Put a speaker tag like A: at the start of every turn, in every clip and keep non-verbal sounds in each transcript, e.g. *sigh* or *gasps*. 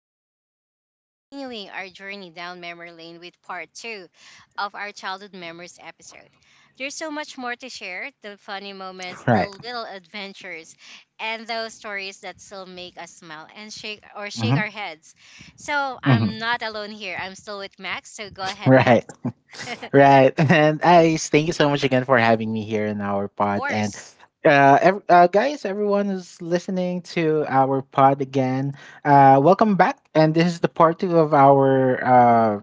A: Ice, and today we're continuing our journey down memory lane with part two of our childhood memories episode. There's so much more to share the funny moments, the
B: Right.
A: little adventures, and those stories that still make us smile and shake or shake
B: Mm-hmm.
A: our heads. So,
B: Mm-hmm.
A: I'm not alone here. I'm still with Max. So, go ahead, Max.
B: Right. *laughs*
A: *laughs* Of
B: Right. And I thank you so much again for having me here in our pod. And
A: course.
B: guys, everyone who's listening to our pod again, welcome back. And this is the part 2 of our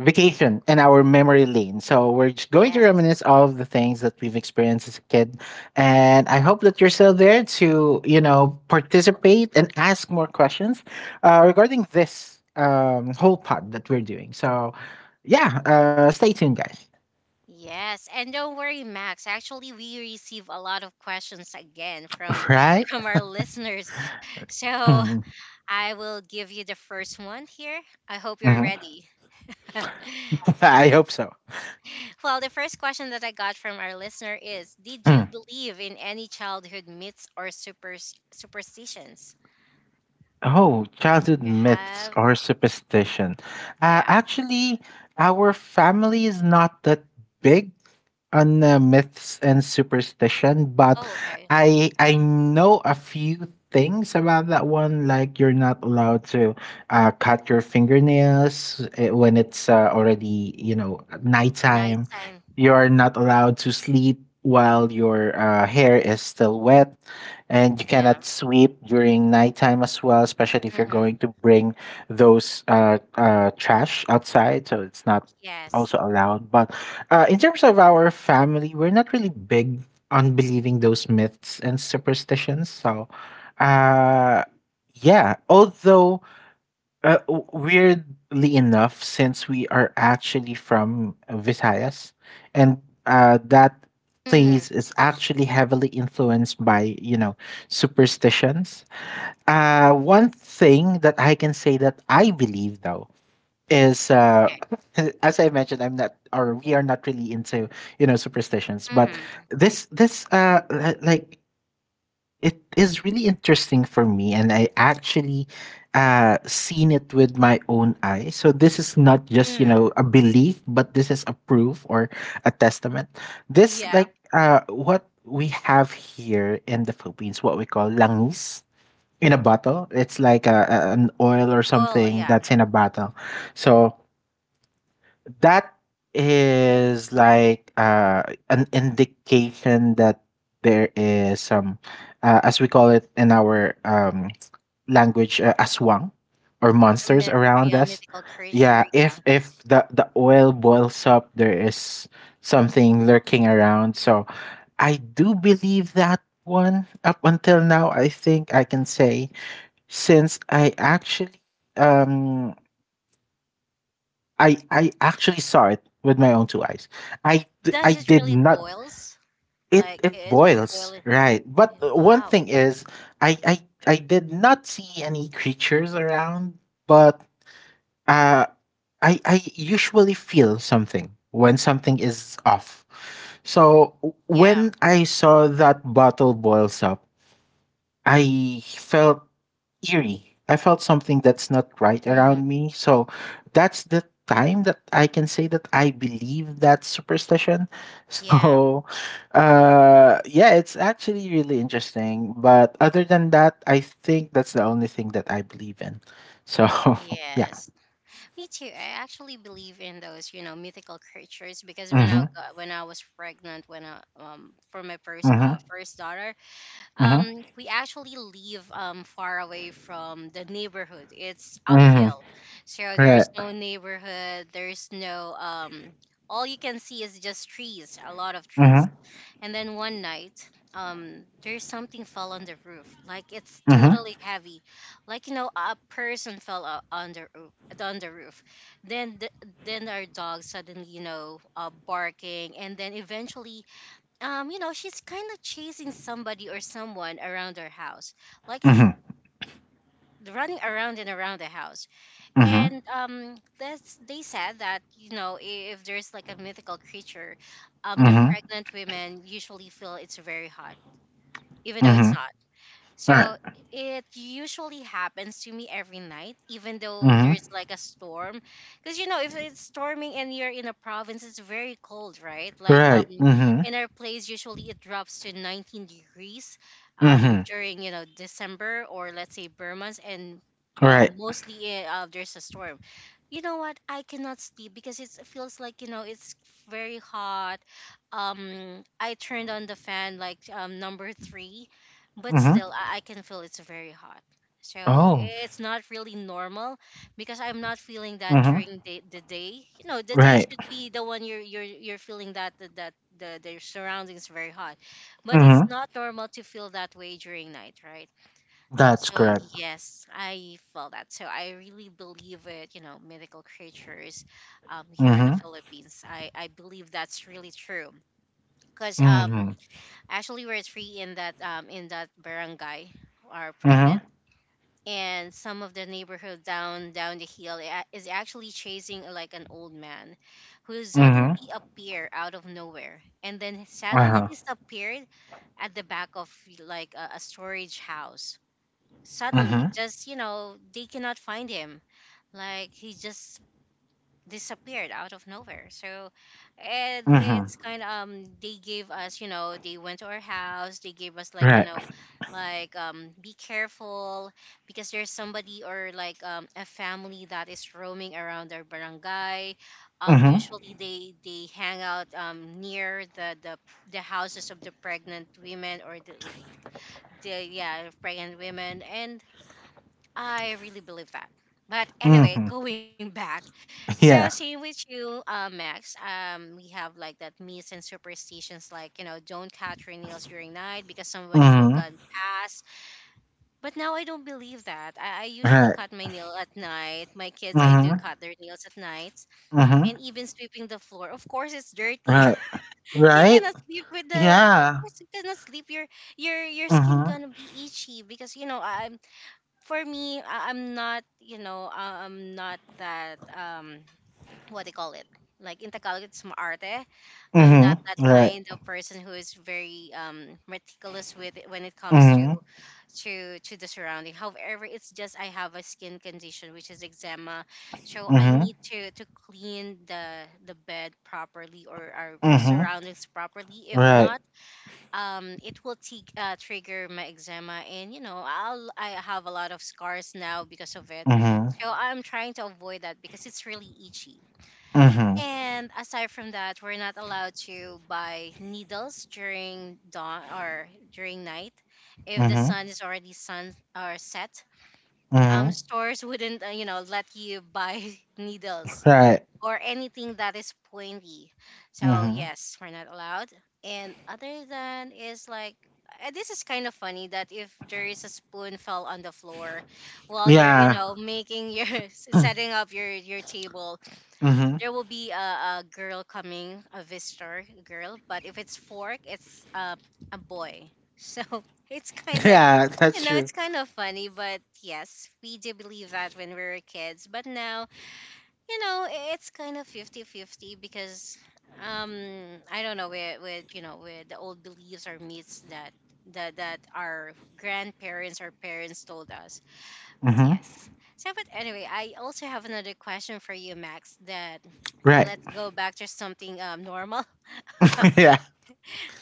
B: vacation and our memory lane. So we're just going to
A: Yes.
B: reminisce all of the things that we've experienced as a kid. And I hope that you're still there to, participate and ask more questions regarding this whole pod that we're doing. So yeah, stay tuned, guys. *laughs*
A: Yes, and don't worry, Max. Actually, we receive a lot of questions again from *laughs*
B: Right?
A: from our listeners. So
B: Mhm.
A: I will give you the first one here. I hope you're
B: Mhm.
A: ready. *laughs*
B: *laughs* I hope so.
A: Well, the first question that I got from our listener is, did you
B: Mm.
A: believe in any childhood myths or superstitions?
B: Oh,
A: Do
B: childhood
A: you
B: myths
A: have?
B: or superstition.
A: Yeah.
B: Actually, our family is not that big on myths and superstition, but
A: Oh, okay.
B: I know a few things about that one. Like you're not allowed to cut your fingernails when it's already nighttime.
A: Nighttime.
B: You are not allowed to sleep while your hair is still wet, and you
A: Yeah.
B: cannot sweep during nighttime as well. Especially if you're
A: Hmm.
B: going to bring those trash outside, so it's not
A: Yes.
B: also allowed. But in terms of our family, we're not really big on believing those myths and superstitions. So, uh, yeah, although weirdly enough, since we are actually from Visayas, and that
A: Hmm.
B: place is actually heavily influenced by superstitions. One thing that I can say that I believe though is,
A: Okay.
B: *laughs* as I mentioned, I'm not or we are not really into superstitions, but
A: Mm,
B: like it is really interesting for me, and I actually seen it with my own eyes. So this is not just
A: mm.
B: a belief, but this is a proof or a testament. This,
A: Yeah.
B: like, what we have here in the Philippines, what we call langis in a bottle. It's like a, an oil or
A: Oh,
B: something
A: yeah.
B: that's in a bottle. So that is like, an indication that there is some, as we call it in our language, aswang or
A: A
B: monsters
A: myth,
B: around
A: yeah,
B: us.
A: mythical
B: Yeah,
A: creature, yeah.
B: if the oil boils up, there is something lurking around. So I do believe that one up until now. I think I can say, since I actually, um I actually saw it with my own two eyes. I
A: Does it
B: did
A: really
B: not.
A: boils?
B: It
A: Like
B: it
A: it is
B: boils,
A: boiling?
B: right. But one
A: Wow.
B: thing is, I I I did not see any creatures around. But uh, I usually feel something when something is off. So
A: Yeah.
B: when I saw that bottle boils up, I felt eerie. I felt something that's not right
A: Hmm.
B: around me. So that's the time that I can say that I believe that superstition. *laughs*
A: Yeah.
B: So yeah, it's actually really interesting. But other than that, I think that's the only thing that I believe in. So *laughs* yeah.
A: Yes. Me too. I actually believe in those, you know, mythical creatures because
B: Mm-hmm.
A: when I was pregnant, for my first uh
B: Mm-hmm.
A: first daughter,
B: Mm-hmm.
A: we actually live far away from the neighborhood. It's
B: Mm-hmm.
A: uphill, so
B: Right.
A: there's no neighborhood. There's no all you can see is just trees, a lot of trees.
B: Mm-hmm.
A: And then one night, there's something fell on the roof. Like it's
B: Mm-hmm.
A: totally heavy, like you know, a person fell on the roof. On the roof. Then, then our dog suddenly, barking, and then eventually, she's kind of chasing somebody or someone around her house. Like it's
B: Mm-hmm.
A: running around and around the house.
B: Mm-hmm.
A: And that's they said that, if there's like a mythical creature, the
B: Mm-hmm.
A: pregnant women usually feel it's very hot even though it's
B: Mm-hmm.
A: not.
B: Right.
A: So it usually happens to me every night, even though
B: Mm-hmm.
A: there's like a storm. Because if it's storming and you're in a province, it's very cold, right? Like
B: Right. Mm-hmm.
A: in our place, usually it drops to 19 degrees,
B: Mm-hmm.
A: during December, or let's say Burr months, and
B: Right.
A: mostly there's a storm. You know what? I cannot sleep because it feels like it's very hot. I turned on the fan like number three, but
B: Mhm.
A: still I can feel it's very hot. So
B: Oh.
A: it's not really normal because I'm not feeling that
B: Mhm.
A: during the day. The day
B: Right.
A: should be the one you're feeling that the surroundings very hot, but it's
B: Mhm.
A: not normal to feel that way during night, right?
B: That's
A: So
B: correct.
A: yes, I felt that, so I really believe it. Mythical creatures, here in the
B: Mhm.
A: Philippines, I believe that's really true, because
B: Mhm.
A: actually, we're three in that, in that barangay, are pregnant,
B: Mhm.
A: and some of the neighborhood down the hill is actually chasing, like an old man, who
B: Mhm.
A: suddenly appeared out of nowhere and then
B: Uh-huh.
A: suddenly disappeared at the back of like a storage house.
B: Mhm.
A: Suddenly, they cannot find him. Like he just disappeared out of nowhere. So, and
B: Mhm.
A: it's kind of they gave us, they went to our house, they gave us like,
B: Right.
A: like be careful, because there's somebody or like a family that is roaming around our barangay.
B: Mhm.
A: Usually they hang out near the houses of the pregnant women, or the yeah, pregnant women, and I really believe that. But anyway,
B: Mhm.
A: *laughs* going back,
B: *laughs*
A: so
B: Yeah.
A: same with you, Max. We have like that myths and superstitions, like don't cut your nails during night because somebody will
B: Mhm.
A: gun past. But now I don't believe that. I usually
B: Right.
A: cut my nail at night. My kids, I do
B: Mhm.
A: cut their nails at night,
B: Mhm.
A: and even sweeping the floor. Of course, it's dirty.
B: Right.
A: *laughs* you
B: Right?
A: cannot sleep with the. With- Of
B: Yeah.
A: course, you cannot sleep. Your skin
B: Mhm.
A: gonna be itchy because for me, I'm not that what do you call it? Like in Tagalog, it's maarte. I'm not
B: Mhm.
A: that
B: Right.
A: kind of person who is very meticulous with it when it comes to
B: Mhm.
A: the surrounding. However, it's just I have a skin condition which is eczema, so I
B: Mhm.
A: need to clean the bed properly or our
B: Mhm.
A: surroundings properly. If
B: Right.
A: not, it will trigger my eczema, and I have a lot of scars now because of it,
B: Mhm.
A: so I'm trying to avoid that because it's really itchy.
B: Mhm.
A: And aside from that, we're not allowed to buy needles during dawn or during night, if the
B: Mhm.
A: sun is already sun or set.
B: Mhm.
A: Stores wouldn't, let you buy *laughs* needles
B: Right.
A: or anything that is pointy. So
B: Mhm.
A: yes, we're not allowed. And other than is like, this is kind of funny that if there is a spoon fell on the floor while you're,
B: Yeah.
A: making your *laughs* setting up your table,
B: Mhm.
A: there will be a girl coming, a visitor girl, but if it's fork, it's a boy. So *laughs* it's
B: *laughs*
A: kind of
B: Yeah,
A: you
B: that's
A: know
B: true.
A: it's kind of funny, but yes, we do believe that when we were kids. But now, it's kind of 50 50, because I don't know with with the old beliefs or myths that that our grandparents or parents told us. But
B: Mhm.
A: yes. So but anyway, I also have another question for you, Max. That,
B: Right.
A: let's go back to something normal. *laughs*
B: *laughs* Yeah.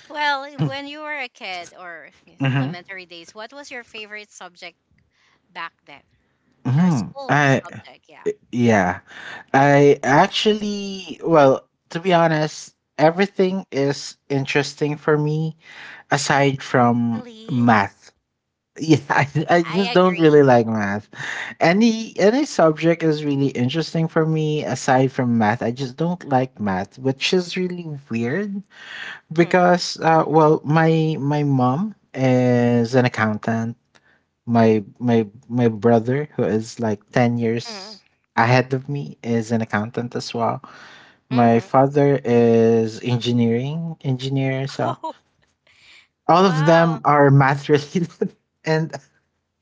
A: Well, when you were a kid, or, yes,
B: Mm-hmm.
A: elementary days, what was your favorite subject back then, or
B: Mm-hmm.
A: school
B: I
A: subject? Yeah.
B: Yeah. I Actually, well, to be honest, everything is interesting for me aside from
A: Really?
B: math. Yeah, *laughs* I
A: I
B: just don't really
A: agree.
B: like math. Any subject is really interesting for me aside from math. I just don't like math, which is really weird,
A: Hmm.
B: because well, my mom is an accountant. My brother, who is like 10
A: Hmm.
B: years ahead of me, is an accountant as well. My
A: Hmm.
B: father is engineer. So
A: Oh, *laughs*
B: all of them
A: wow.
B: are math related, *laughs* and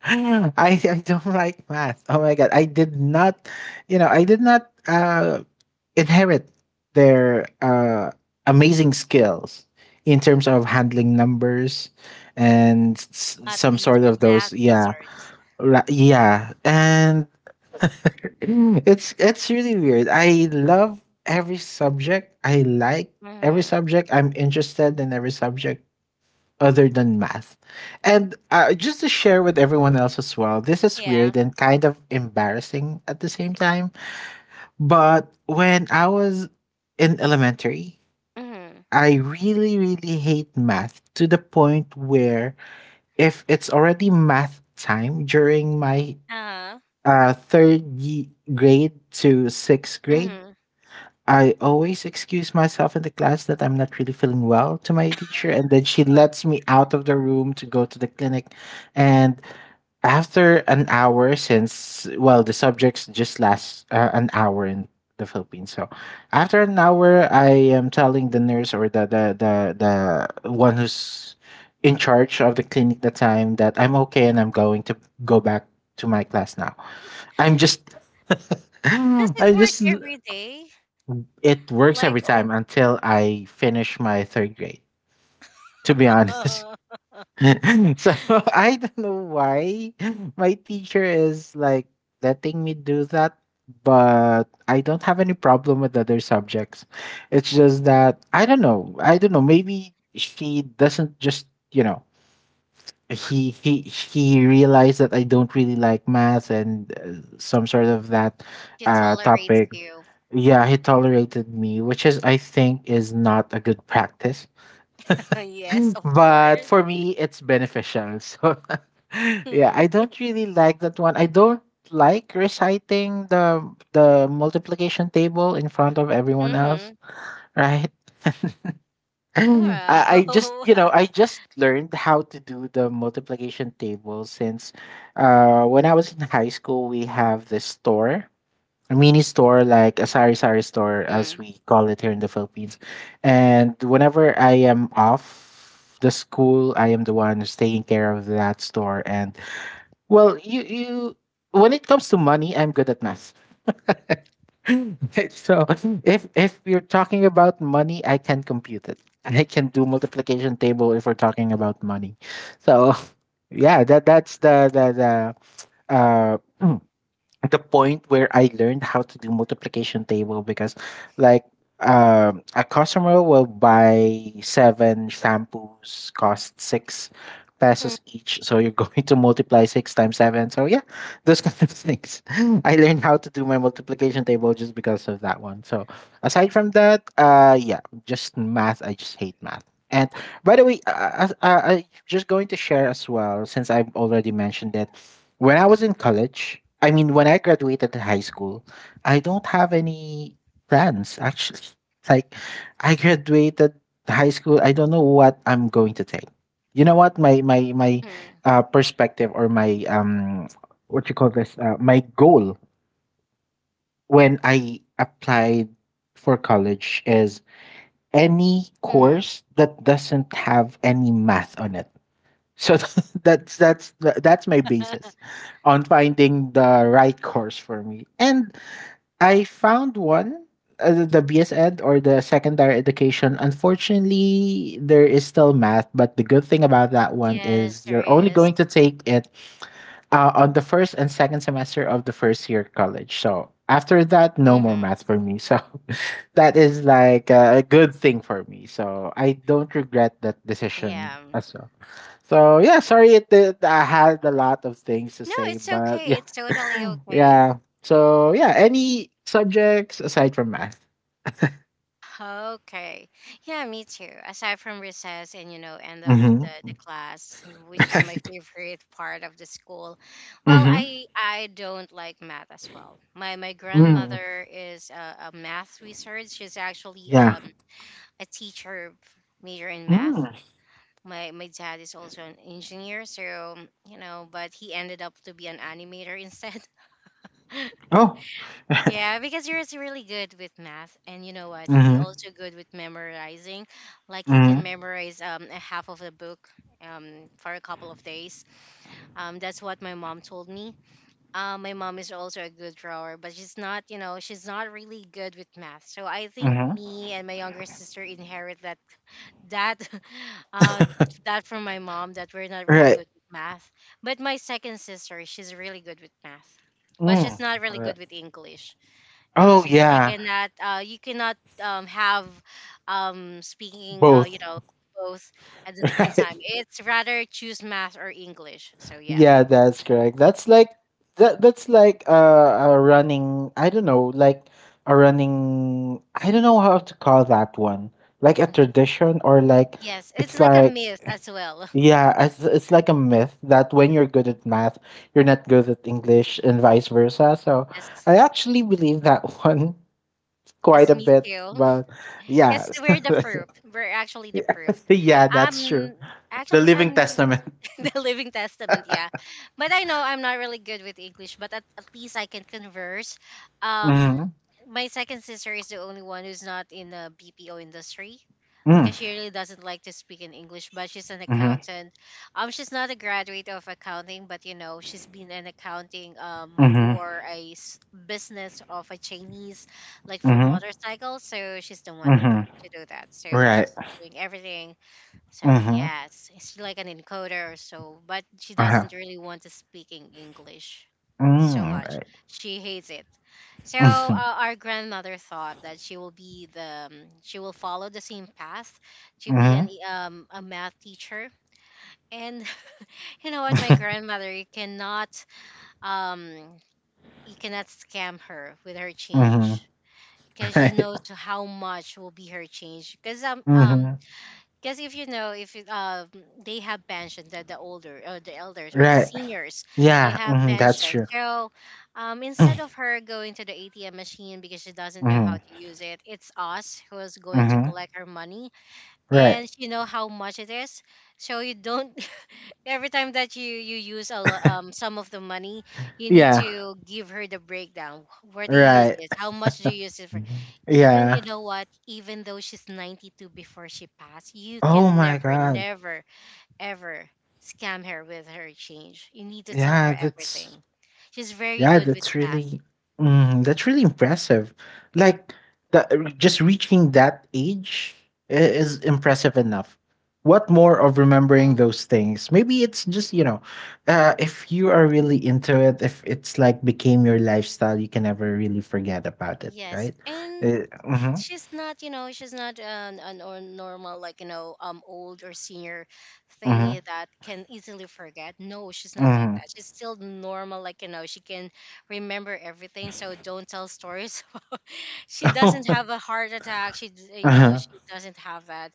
B: I, I don't like math. Oh my god, I did not, I did not inherit their amazing skills in terms of handling numbers and
A: Hot
B: some sort
A: tweezer,
B: of
A: bath
B: those, yeah.
A: tweezers.
B: Yeah, and it's really weird. I love every subject. I like every
A: Mm-hmm.
B: subject. I'm interested in every subject other than math. And just to share with everyone else as well, this is
A: Yeah.
B: weird and kind of embarrassing at the same time, but when I was in elementary,
A: Mm-hmm.
B: I really really hate math, to the point where, if it's already math time during my
A: Uh-huh.
B: third grade to sixth grade,
A: Mm-hmm.
B: I always excuse myself in the class, that I'm not really feeling well, to my teacher, and then she
A: Uh,
B: lets me out of the room to go to the clinic. And after an hour, since, well, the subjects just last an hour in the Philippines. So after an hour, I am telling the nurse, or the, one who's in charge of the clinic that time, that I'm okay and I'm going to go back to my class now. I'm just. *laughs*
A: Does
B: I'm
A: it work
B: just
A: every day?
B: It works
A: Like,
B: every
A: oh,
B: time until I finish my third grade, to be honest.
A: *laughs*
B: *laughs* So *laughs* I don't know why my teacher is like letting me do that, but I don't have any problem with other subjects. It's just that I don't know. I don't know. Maybe she doesn't just, you know, he realized that I don't really like math and some sort of that
A: she tolerates
B: topic.
A: you.
B: Yeah, he tolerated me, which is, I think, is not a good practice.
A: *laughs* Yes, of
B: But
A: course.
B: for me it's beneficial. *laughs* So yeah,
A: Mm.
B: I don't really like that one. I don't like reciting the multiplication table in front of everyone else,
A: Mm-hmm.
B: right? *laughs* I, I
A: Wow.
B: just
A: *laughs*
B: you know I just learned how to do the multiplication table since, when I was in high school, we have this store mini store, like a sari sari
A: Wow.
B: store,
A: Mm.
B: as we call it here in the Philippines. And whenever I am off the school, I am the one who's taking care of that store. And well, you when it comes to money, I'm good at math. *laughs* *laughs* So if we are talking about money, I can compute it. I can do multiplication table if we're talking about money. So *laughs* yeah, that's the uh point where I learned how to do multiplication table, because like, a customer will buy seven shampoos, cost 6 pesos each, so you're *laughs* going to multiply six times seven. So yeah, those *laughs* kind of things *laughs* I learned how to do my multiplication table just because of that one. So aside from that, yeah, just math, I just hate math. And by the way, I'm just going to share as well, since I've already mentioned it, when I was in college, I mean, when I graduated high school, I don't have any plans actually. *laughs* Like, I graduated high school. I don't know what I'm going to take. You know what? My
A: Mm-hmm.
B: perspective, or my, what you call this? My goal when I applied for college is any
A: Mm-hmm.
B: course that doesn't have any math on it. So *laughs* that's my basis on finding the right course for me. And I found one, the BS Ed, or the secondary education. Unfortunately, there is still math, but the good thing about
A: *laughs*
B: that one
A: Yes,
B: is
A: there
B: you're only
A: is.
B: going to take it on the first and second semester of the first year college. So after that, no more math
A: Mm-hmm.
B: for me. So *laughs* that is like a good thing for me. So I don't regret that decision
A: Yeah.
B: as well. So yeah, sorry, it I had a lot of things to
A: No,
B: say,
A: it's
B: but
A: okay.
B: yeah,
A: It's totally
B: *laughs*
A: okay.
B: yeah. So yeah, any subjects aside from math?
A: Okay. Yeah, me too. Aside from recess and end of the,
B: Mm-hmm.
A: the
B: *laughs*
A: class, which is my
B: Right.
A: favorite part of the school. Well,
B: Mm-hmm.
A: I don't like math as well. My
B: Mm.
A: grandmother is a math research. She's actually
B: Yeah.
A: a teacher major in math.
B: Mm.
A: My dad is also an engineer, so but he ended up to be an animator *laughs* instead.
B: Oh. *laughs*
A: Yeah, because Yuri's really good with math, and you know what? He
B: Mm-hmm.
A: also good with memorizing. Like he can
B: Mm-hmm.
A: memorize a half of the book, for a couple of days. That's what my mom told me. My mom is also a good drawer, but she's not really good with math. So I think
B: Mm-hmm.
A: me and my younger sister inherit that *laughs* uh that from my mom, that we're not really
B: Right.
A: good with math. But my second sister, she's really good with math, but
B: Mm.
A: she's not really
B: Uh,
A: good with English. No,
B: Oh
A: so you
B: yeah,
A: cannot have speaking
B: both.
A: both at the
B: *laughs*
A: same
B: Right.
A: time. It's rather choose math or English. So yeah.
B: Yeah, that's correct. That's like, that's like a, running, I don't know, like a running, I don't know how to call that one. Like a tradition, or like,
A: Yes, it's
B: it's
A: like a
B: like,
A: myth as well. *laughs*
B: yeah, it's like a myth that when you're good at math, you're not good at English, and vice versa. So
A: Yes.
B: I actually believe that *laughs* one quite
A: Yes,
B: a
A: me
B: bit,
A: too. *laughs*
B: but yeah.
A: Yes, we're the
B: *laughs*
A: proof. We're actually the proof.
B: Yeah, that's true.
A: Um
B: The
A: Actually,
B: living
A: I'm
B: testament.
A: *laughs* the Living Testament, yeah. But I know I'm not really good with English, but at least I can converse. Um,
B: Mhm.
A: my second sister is the only one who's not in the BPO industry
B: Mm.
A: because she really doesn't like to speak in English, but she's an
B: Mhm.
A: accountant. She's not a graduate of accounting, but she's been in accounting
B: Mhm.
A: for a business of a Chinese, like for
B: Mhm.
A: motorcycles. So she's the one that
B: Mhm.
A: to do that. So
B: Right.
A: she's doing everything, so
B: Mhm.
A: yes, it's like an encoder or so, but she
B: Uh-huh.
A: doesn't really want to speak in English so
B: Mm,
A: much.
B: right.
A: She hates it. So
B: Mhm.
A: our grandmother thought that she will be the she will follow the same path to be
B: Mhm.
A: a math teacher. And *laughs* you know what, my
B: Mhm. *laughs*
A: grandmother, um you cannot scam her with her change, because she
B: Right.
A: knows how much will be her change. Because um um
B: Mhm.
A: Because if you know, if it, they have pension, the older, or the elders, or the
B: Right.
A: seniors, they
B: Yeah,
A: have
B: mhm, that's
A: pension.
B: true.
A: So,
B: *clears throat*
A: instead of her going to the ATM machine because she doesn't know how
B: Mhm.
A: to use it, it's us who is going to
B: Mhm.
A: collect her money,
B: Right.
A: and you know how much it is. So you don't *laughs* every time that you use some of the money, you need
B: Yeah.
A: to give her the breakdown. Where do you use
B: Right.
A: this, how much do you use it for?
B: Mhm.
A: Even
B: Yeah.
A: you know what, even though she's 92 before she passed, you
B: Oh
A: can
B: my
A: never,
B: god.
A: never ever scam her with her change. You need to tell her
B: Yeah, that's
A: everything. She's very
B: Yeah,
A: good with
B: that's
A: math.
B: really mm, that's really impressive. Like that, just reaching that age is impressive enough. What more of remembering
A: Mm.
B: those things? Maybe it's just if you are really into it, if it's like became your lifestyle, you can never really forget about it,
A: Yes,
B: right?
A: and
B: Mhm,
A: she's not, you know, she's not an, an or normal, like, you know, old or senior
B: mhm,
A: thingy that can easily forget. No, she's not like
B: mhm.
A: that. She's still normal, like, you know, she can remember everything. So don't tell stories. *laughs* She doesn't have a
B: *laughs*
A: heart attack. You know,
B: Uh-huh.
A: she doesn't have that.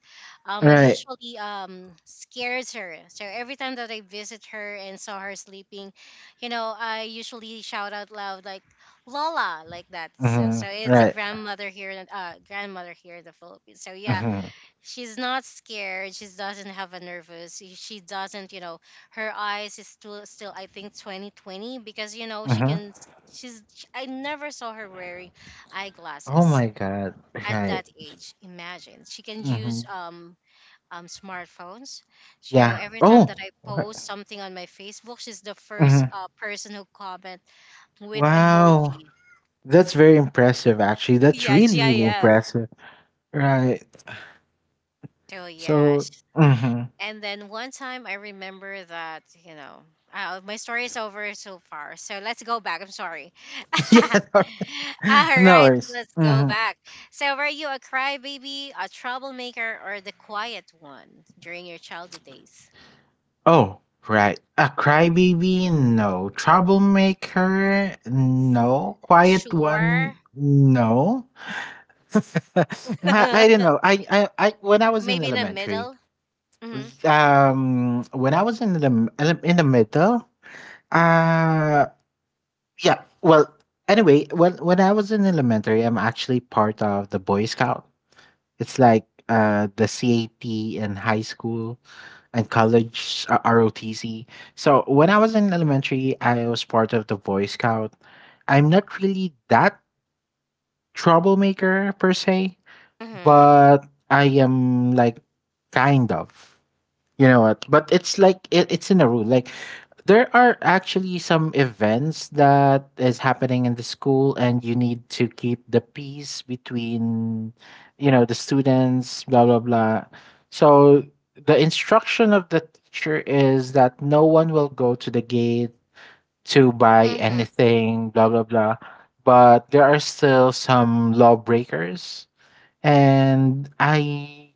A: I
B: Right.
A: usually scares her. So every time that I visit her and saw her sleeping, you know, I usually shout out loud like Lola, like that. So
B: Mhm,
A: it's a
B: right.
A: grandmother here in the Philippines. So yeah,
B: Mhm,
A: she's not scared. She doesn't have a nervous. She doesn't, you know, her eyes is still I think 2020, because you know she
B: mhm.
A: can she's sh I never saw her wearing
B: Oh
A: eyeglasses
B: my God.
A: at
B: Right.
A: that age. Imagine. She can
B: Hmm.
A: use smartphones. So
B: Yeah.
A: every time that
B: Oh.
A: I post something on my Facebook, she's the first
B: Mhm.
A: person who comment with
B: Wow.
A: emoji.
B: That's very impressive, actually. That's
A: Yeah,
B: really, really
A: GIF.
B: impressive. Right.
A: Oh
B: So,
A: yes.
B: hmm
A: And then one time I remember that, you know, my story is over so far. So let's go back. I'm sorry.
B: *laughs*
A: *laughs*
B: yeah, no,
A: All
B: no
A: right,
B: worries.
A: let's go
B: Hmm
A: back. So were you a crybaby, a troublemaker, or the quiet one during your childhood days?
B: Oh, right. A crybaby? No. Troublemaker? No. Quiet one?
A: Sure.
B: No. *laughs* I, I don't
A: *laughs*
B: know. I, when I was in
A: Maybe in the
B: elementary,
A: middle. Mm-hmm.
B: when I was in in the middle, uh, yeah. Anyway, when I was in elementary, I'm actually part of the Boy Scout. It's like the CAT in high school and college ROTC. So when I was in elementary, I was part of the Boy Scout. I'm not really that troublemaker per se,
A: Mm-hmm.
B: but I am like kind of. You know what? But it's in a rule. Like there are actually some events that is happening in the school, and you need to keep the peace between, you know, the students, blah blah blah. So the instruction of the teacher is that no one will go to the gate to buy
A: Mm-hmm.
B: anything, blah blah blah. But there are still some lawbreakers, and I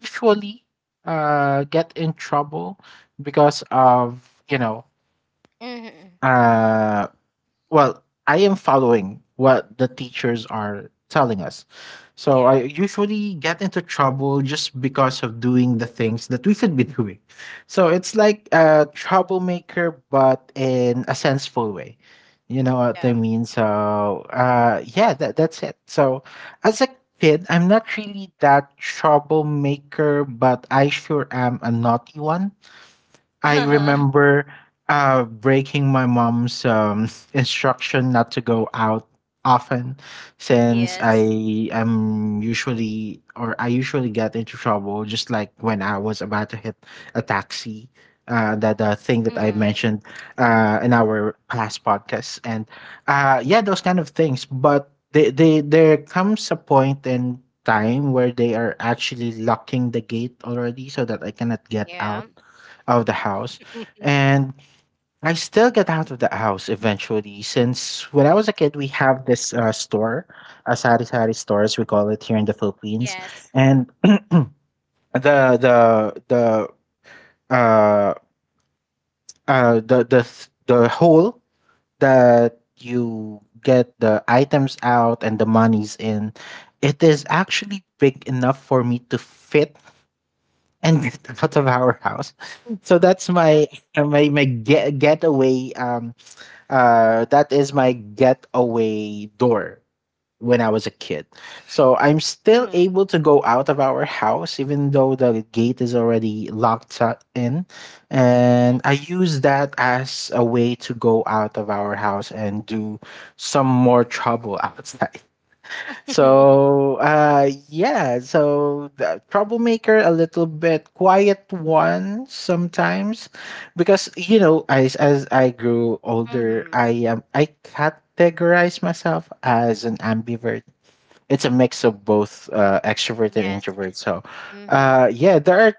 B: usually get in trouble because of, you know,
A: Mm-hmm.
B: uh, well, I am following what the teachers are telling us. So
A: Yeah.
B: I usually get into trouble just because of doing the things that we should be doing. So it's like a troublemaker, but in a senseful way. You know what I mean? So yeah, that's it. So as a kid, I'm not really that troublemaker, but I sure am a naughty one. I
A: Yeah.
B: remember breaking my mom's *laughs* instruction not to go out often,
A: *laughs*
B: since
A: Yes.
B: I am usually, or I usually get into trouble, just like when I was about to hit a taxi. That thing that I
A: Mm-hmm.
B: mentioned in our past podcast, and yeah, those kind of things. But there comes a point in time where they are actually locking the gate already, so that I cannot get out
A: Yeah.
B: of the house. And I still get out of the house eventually, since when I was a kid, we have this store, a sari sari store, as we call it here in the Philippines.
A: Yes.
B: And the, the, the, uh, the hole that you get the items out and the monies in, it is actually big enough for me to fit and *laughs* get out of our house. So that's my my my get, getaway that is my getaway door when I was a kid. So I'm still
A: Mm-hmm.
B: able to go out of our house, even though the gate is already locked in. And
A: Yes.
B: I use that as a way to go out of our house and do some more trouble *laughs* outside.
A: *laughs*
B: So yeah, so the troublemaker, a little bit quiet one sometimes, because you know, as I grew older,
A: Mm-hmm.
B: I categorize myself as an ambivert. It's a mix of both extrovert and
A: Yes.
B: introvert. So
A: Mm-hmm.
B: yeah, there are,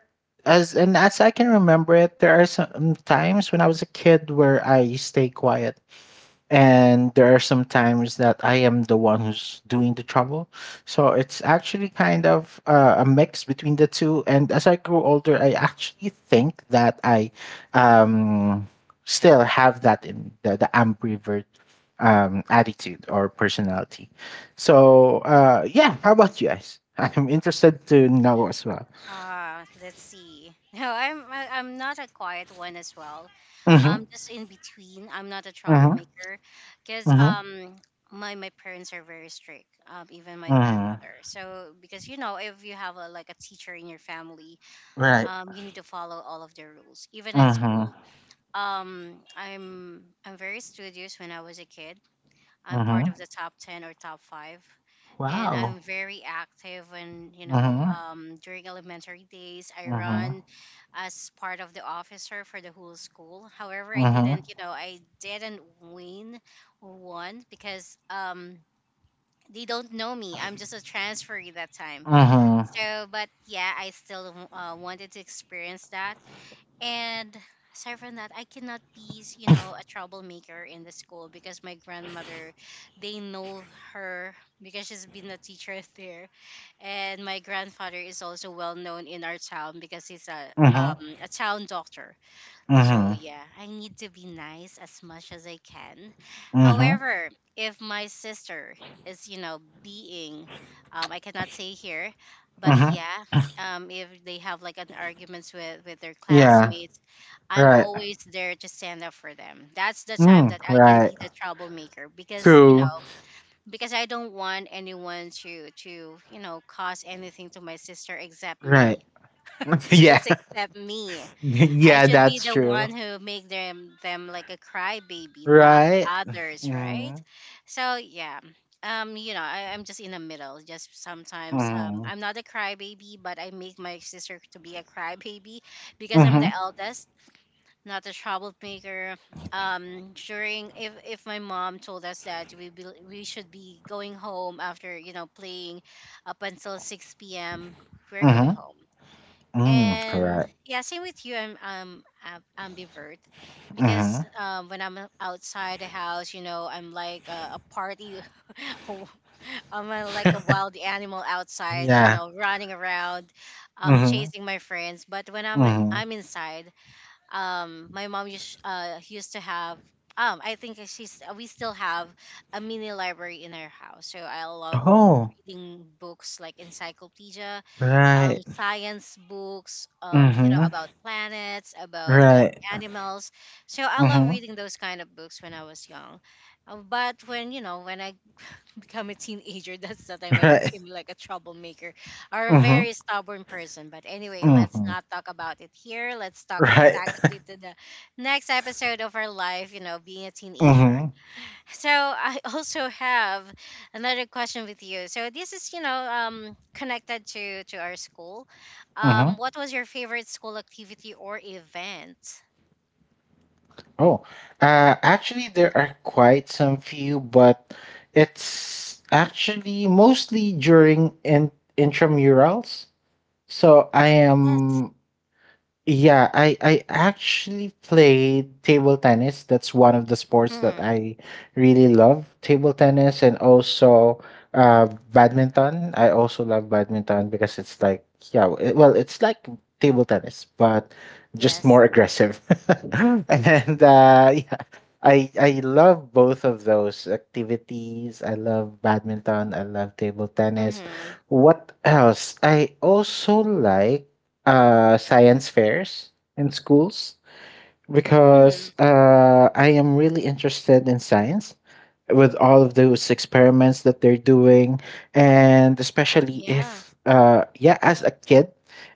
B: as I can remember it, there are some times when I was a kid where I stay quiet, and there are some times that I am the one who's doing the trouble. So it's actually kind of a mix between the two. And as I grew older, I actually think that I um, still have that in the ambivert attitude or personality. So yeah, how about you guys? *laughs* I'm interested to know as well.
A: Ah, let's see. *laughs* No, I'm not a quiet one as well.
B: Mm-hmm.
A: I'm just in between. I'm not a
B: Mm-hmm.
A: troublemaker, because
B: Mm-hmm.
A: my my parents are very strict. Even my
B: Mm-hmm.
A: grandmother. So because you know if you have a, like a teacher in your family,
B: Right.
A: you need to follow all of their rules. Even in
B: Mm-hmm.
A: school. I'm very studious when I was a kid. I'm part
B: Mm-hmm.
A: of the top 10 or top 5. And
B: Wow.
A: I'm very active, and you know,
B: Mm-hmm.
A: during elementary days, I
B: Mm-hmm.
A: run as part of the officer for the whole school. However, I
B: Mhm.
A: didn't, you know, I didn't win or won because they don't know me. I'm just a transferee that time.
B: Mhm.
A: So, but yeah, I still wanted to experience that. And aside from that, I cannot be, you know, a troublemaker in the school because my grandmother, they know her because she's been a teacher *laughs* there. And my grandfather is also well known in our town because he's
B: Mhm.
A: a town doctor. So,
B: Mhm.
A: yeah, I need to be nice as much as I can.
B: Mhm.
A: However, if my sister is, you know, being, I cannot say here, but
B: Mhm.
A: yeah, if they have like an arguments with their
B: Yeah.
A: classmates, I'm
B: Right.
A: always there to stand up for them. That's the time
B: Mm,
A: that I can
B: right.
A: be the troublemaker because, you
B: True.
A: know, because I don't want anyone to you know, cause anything to my sister except me.
B: Right. *laughs*
A: *laughs*
B: yeah.
A: Just except me.
B: *laughs*
A: I
B: yeah,
A: should be
B: that's
A: the one
B: true.
A: who make them like a crybaby, not
B: Right?
A: others, right?
B: Mhm.
A: So yeah, you know, I'm just in the middle. Just sometimes,
B: Mhm.
A: I'm not a crybaby, but I make my sister to be a crybaby because I'm the
B: Mhm.
A: eldest, not a troublemaker. During if my mom told us that we should be going home after you know playing up until 6 p.m., we're going
B: Mhm.
A: home.
B: Mm,
A: And
B: right.
A: yeah, same with you. I'm ambivert because
B: Mhm.
A: when I'm outside the house, you know, I'm like a party. *laughs* a- I'm a, like a wild animal outside, you
B: Yeah.
A: know, running around,
B: Mhm.
A: chasing my friends. But
B: Mhm.
A: I'm inside, my mom used to have I think she's we still have a mini library in our house. So I love
B: Oh.
A: reading books like encyclopedia,
B: Right.
A: science books, you know,
B: Mhm.
A: about planets, about
B: Right.
A: animals. So I love
B: Mhm.
A: reading those kind of books when I was young. But when, you know, when I *laughs* become a teenager, *laughs* that's the time
B: *laughs*
A: I
B: Right.
A: became like a troublemaker or a
B: Mhm.
A: very stubborn person. But anyway, let's
B: Mhm.
A: not talk about it here. Let's talk
B: Right.
A: tackle it
B: *laughs*
A: to the next episode of our life, you know, being a teenager.
B: Mhm.
A: So I *laughs* also have another question with you. So this is, you know, connected to our school.
B: Mhm.
A: What was your favorite school activity or event?
B: Oh, actually, there are quite some few, but it's actually mostly during in intramurals. So I
A: Yes.
B: am, yeah, I actually played table tennis. That's one of the sports that
A: Hmm.
B: I really love. Table tennis, and also badminton. I also love badminton, because it's like, yeah, well, it's like table tennis but just more
A: Yes.
B: aggressive. *laughs* and yeah, I love both of those activities. I love badminton, I love table tennis.
A: Mm-hmm.
B: What else? I also like science fairs in schools, because
A: Mm-hmm.
B: I am really interested in science, with all of those experiments that they're doing, and especially
A: Yeah.
B: if, yeah, as a kid,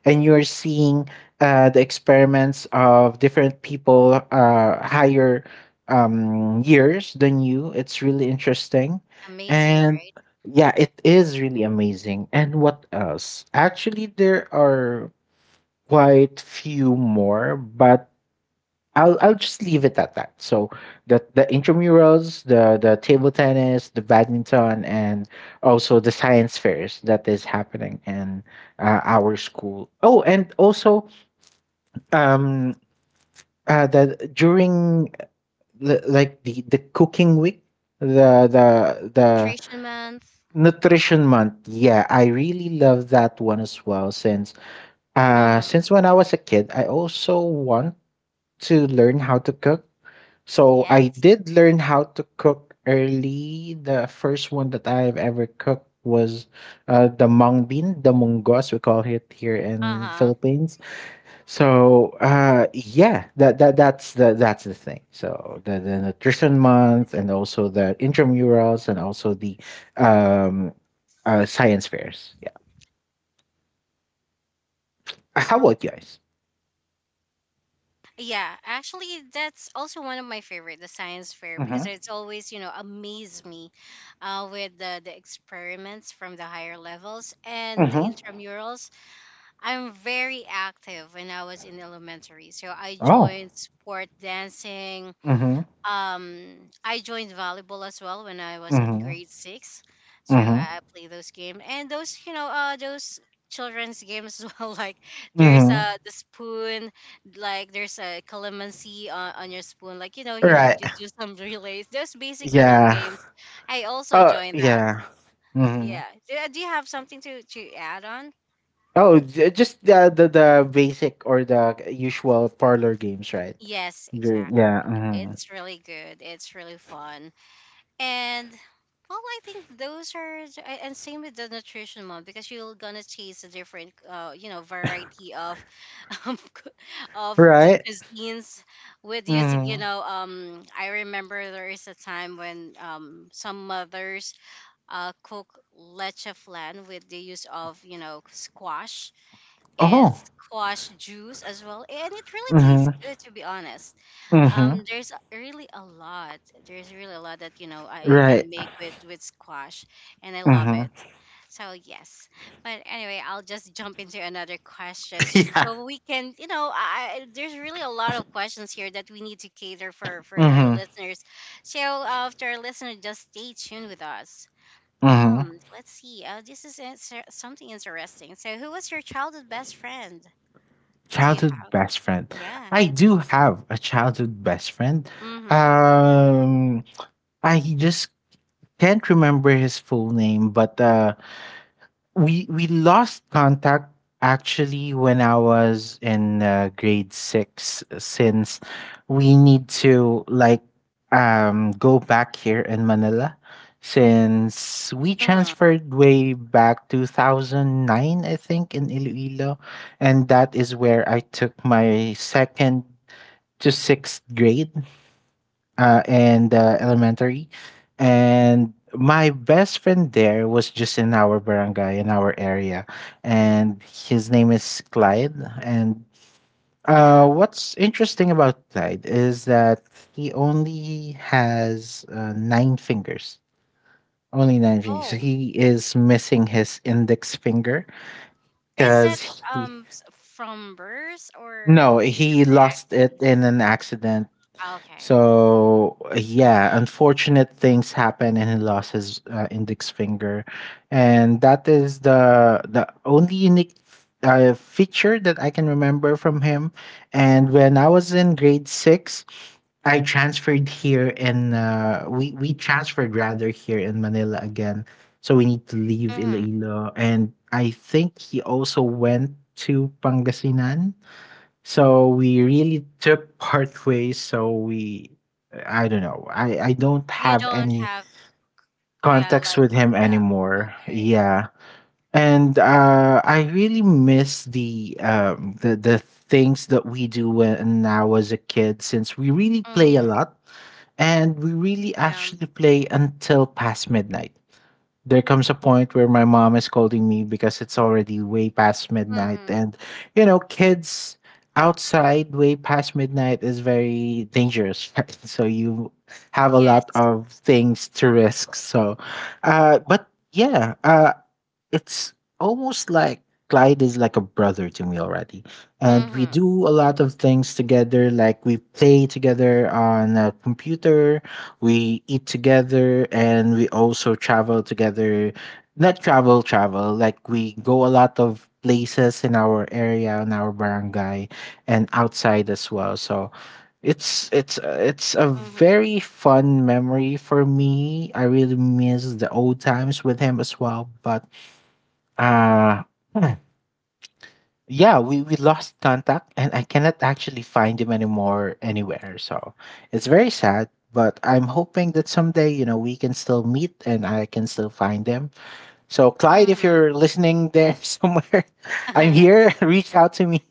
B: and you're seeing the experiments of different people higher years than you, it's really interesting.
A: Amazing,
B: And
A: right?
B: yeah, it is really amazing. And what else? Actually, there are quite few more, but I'll just leave it at that. So the intramurals, the table tennis, the badminton, and also the science fairs that is happening in our school. Oh, and also um that during the cooking week, the
A: Nutrition month.
B: nutrition month. Yeah, I really love that one as well,
A: Mm-hmm.
B: since when I was a kid, I also want to learn how to cook. So I
A: Yes.
B: did learn how to cook early. The first one that I've ever cooked was the mung bean, the mungos we call it here in
A: Uh-huh.
B: Philippines. So yeah, that that's the thing. So the nutrition month, and also the intramurals, and also the um, science fairs. Yeah. How about you guys?
A: Yeah, actually, that's also one of my favorite, the science fair,
B: Mm-hmm.
A: because it's always, you know, amaze me with the experiments from the higher levels and the
B: Mm-hmm.
A: intramurals. I'm very active when I was in elementary. So I
B: Oh.
A: joined sport dancing,
B: Mm-hmm.
A: I joined volleyball as well when I was in
B: Mm-hmm.
A: grade 6. So
B: Mm-hmm.
A: I play those game and those, you know, those children's games as well, *laughs* like there's
B: Mm-hmm.
A: the spoon, like there's a calamansi on your spoon, like, you know,
B: Right.
A: you do some *laughs* relays, those basic you know
B: Yeah.
A: games. I also
B: Oh,
A: joined that.
B: yeah. hmm
A: Yeah, do, do you have something to add on?
B: Oh, just the basic or the usual parlor games, right?
A: Yes,
B: Ju-
A: exactly.
B: Yeah. hmm
A: It's really good, it's really fun. And well, I think those are and same with the nutrition one, because you're gonna taste a different, you know, variety of *laughs* um, cu-
B: Right.
A: cuisines, with using, you
B: hmm
A: know, I remember there is a time when some mothers cook leche flan with the use of, you know, squash and
B: Oh.
A: squash juice as well, and it really tastes
B: hmm
A: good, to be honest.
B: hmm
A: There's really a lot. There's really a lot that you know you
B: Right.
A: can make with squash, and I love it.
B: hmm
A: So yes, but anyway, I'll just jump into another question
B: *laughs* yeah.
A: so we can, you know, there's really a lot of questions here that we need to cater for our
B: hmm
A: listeners. So to our listener, just stay tuned with us.
B: hmm
A: Let's see. This is something interesting. So, who was your childhood best friend? Do you
B: Childhood
A: have?
B: best friend.
A: Yeah.
B: I do have a childhood best friend.
A: Mm-hmm.
B: Um, I just can't remember his full name, but we lost contact actually when I was in grade six, since we need to like go back here in Manila, since we
A: Mm-hmm.
B: transferred way back 2009, I think, in Iloilo, and that is where I took my second to sixth grade, and elementary. And my best friend there was just in our barangay, in our area. And his name is Clyde. And
A: Yeah.
B: what's interesting about Clyde is that he only has nine fingers. Only nine fingers. So
A: Oh.
B: he is missing his index finger
A: Is that
B: because he.
A: um s- from birth or
B: No,
A: because
B: he
A: of an
B: lost it
A: accident?
B: in an accident.
A: Okay.
B: So yeah,
A: Mm.
B: unfortunate things happen, and he lost his index finger, and that is the only unique feature that I can remember from him. And when I was in grade six, I transferred here in we transferred rather here in Manila again. So we need to leave
A: Mm-hmm.
B: Iloilo, and I think he also went to Pangasinan, so we really took part ways. So I don't know. I don't
A: You
B: have
A: don't
B: any
A: have, yeah,
B: contacts
A: like,
B: with him
A: yeah,
B: anymore.
A: okay.
B: Yeah. And I really miss the things that we do when I was a kid, since we really play a
A: Mm-hmm.
B: lot, and we really
A: Yeah.
B: actually play until past midnight. There comes a point where my mom is scolding me because it's already way past midnight,
A: Mm-hmm.
B: and you know, kids outside way past midnight is very dangerous, *laughs* right? So you have a lot
A: Yes.
B: of things to risk. So but yeah, it's almost like Clyde is like a brother to me already. And we
A: Mm-hmm.
B: do a lot of things together. Like we play together on a computer, we eat together, and we also travel together. Not travel, travel. Like we go a lot of places in our area, in our barangay, and outside as well. So it's a
A: Mm-hmm.
B: very fun memory for me. I really miss the old times with him as well. But uh hmm. yeah, we lost contact and I cannot actually find him anymore anywhere. So it's very sad, but I'm hoping that someday, you know, we can still meet and I can still find him. So Clyde, if
A: Mm-hmm.
B: you're listening there *laughs* somewhere, I'm here. *laughs* Reach out to me.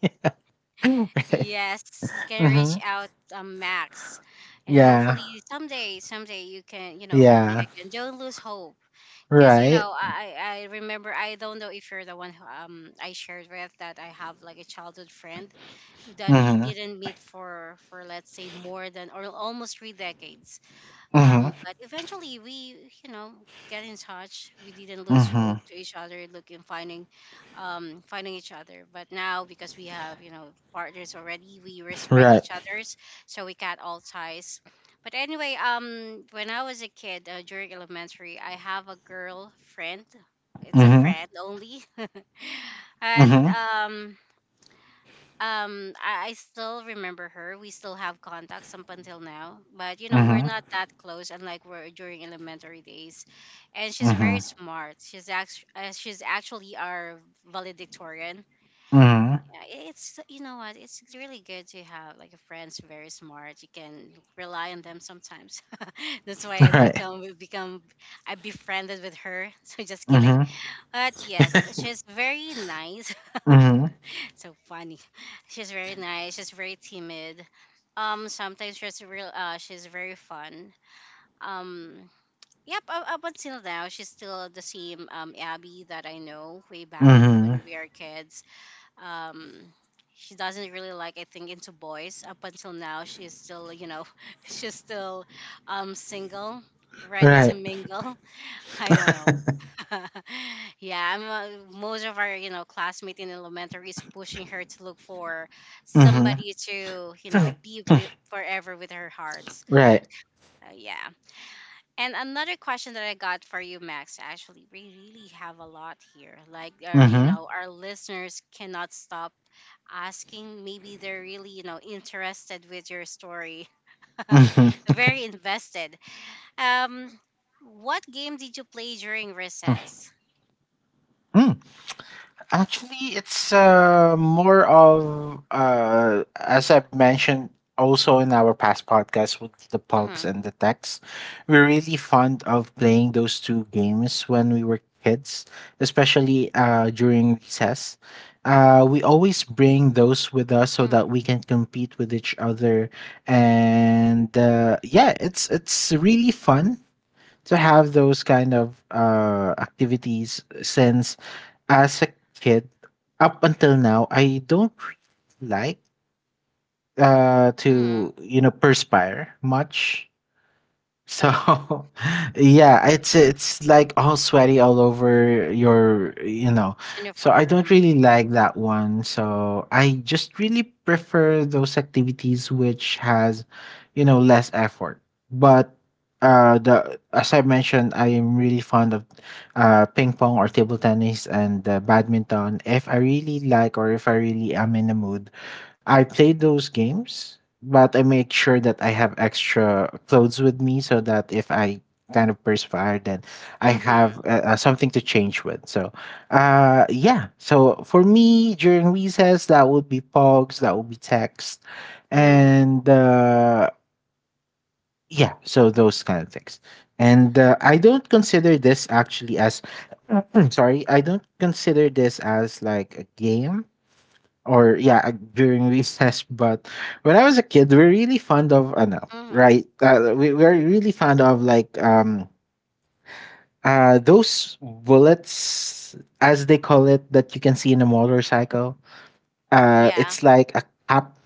B: *laughs*
A: *laughs*
B: right.
A: Yes, you can reach
B: Mm-hmm.
A: out, Max, and
B: Yeah.
A: hopefully you- someday, someday you can, you know, meet
B: Yeah.
A: again. Don't lose hope, because you
B: Right.
A: know, I, I remember, I don't know if you're the one who I shared with that I have like a childhood friend that we
B: Mm-hmm.
A: didn't meet for let's say more than or almost 3 decades.
B: Mm-hmm.
A: Um, but eventually we, you know, get in touch. We didn't lose hope
B: Mm-hmm.
A: to each other, looking, finding, finding each other. But now because we have, you know, partners already, we respect
B: Right.
A: each other's, so we cut all ties. But anyway, when I was a kid, during elementary, I have a girl friend. It's a
B: Mm-hmm.
A: friend only, *laughs* but
B: Mm-hmm.
A: I still remember her. We still have contacts up until now, but you know we're
B: Mm-hmm.
A: not that close, unlike we're during elementary days. And she's very
B: Mm-hmm.
A: smart. She's actually our valedictorian.
B: Mm-hmm.
A: Yeah, it's, you know what, it's really good to have like a friend's very smart, you can rely on them sometimes. *laughs* That's why
B: *laughs*
A: I
B: Right.
A: become become, I befriended with her. *laughs* So just kidding.
B: Mm-hmm.
A: But yes, she's very nice,
B: Mm-hmm.
A: so funny. *laughs* She's very nice. She's very timid. Sometimes she's real. She's very fun. Um, yep. Up until now, she's still the same Abby that I know way back when
B: Mm-hmm.
A: we are kids. um she doesn't really like, I think, into boys. Up until now she is still, you know, *laughs* she's still single, ready to
B: Right.
A: mingle. *laughs* I don't know.
B: *laughs*
A: *laughs* Yeah, I'm, most of our, you know, classmate in elementary is pushing her to look for
B: mhm.
A: somebody to, you know, be with forever, with her hearts.
B: Right.
A: Uh, yeah. And another question that I got for you, Max, actually, we really have a lot here. Like, our, you
B: Mhm.
A: know, our listeners cannot stop asking. Maybe they're really, you know, interested with your story, *laughs*
B: Mhm.
A: very invested. Um, what game did you play during recess?
B: Mm. Actually, it's more of, as I've mentioned also in our past podcast with the
A: Mm-hmm,
B: pugs and the techs, we're really fond of playing those two games when we were kids, especially during recess. We always bring those with us so
A: mm-hmm,
B: that we can compete with each other, and yeah, it's really fun to have those kind of activities, since as a kid up until now, I don't really like
A: mm-hmm.
B: to, you know, perspire much.
A: Oh
B: So,
A: yeah,
B: *laughs* yeah, it's like all sweaty all over your, you know. So I don't
A: uniform.
B: really like that one. So I just really prefer those activities which has, you know, less effort. But the as I mentioned, I am really fond of ping pong or table tennis and badminton. If I really like or if I really am in the mood, I play those games, but I make sure that I have extra clothes with me so that if I kind of perspire, then I have
A: Mm-hmm,
B: something to change with. So, yeah. So for me during recess, that would be pogs, that would be text,
A: mm-hmm,
B: and yeah, so those kind of things. And I don't consider this actually as *clears throat* sorry, I don't consider this as like a game or yeah, during recess *laughs* but when I was a kid we are really fond of no,
A: mm-hmm.
B: right, we were really fond of like those bullets as they call it that you can see in a motorcycle.
A: Yeah.
B: It's like a cap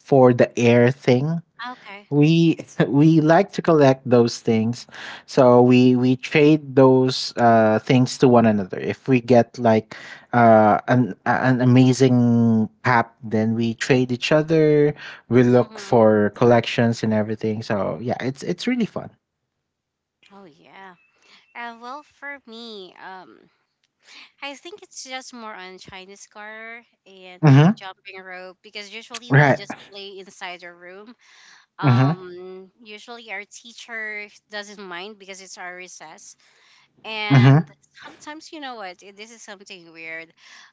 B: for the air thing.
A: Okay.
B: We *laughs* we like to collect those things, so we trade those things to one another. If we get like an amazing app, then we trade each other. We look
A: Mm-hmm.
B: for collections and everything, so yeah, it's really fun.
A: Oh yeah. Well, for me, I think it's just more on Chinese car and you know
B: Mm-hmm.
A: jumping rope, because usually we
B: Right.
A: just play inside our room.
B: Mm-hmm.
A: Usually our teacher doesn't mind because it's our recess, and
B: Mm-hmm.
A: sometimes you know what this is something weird.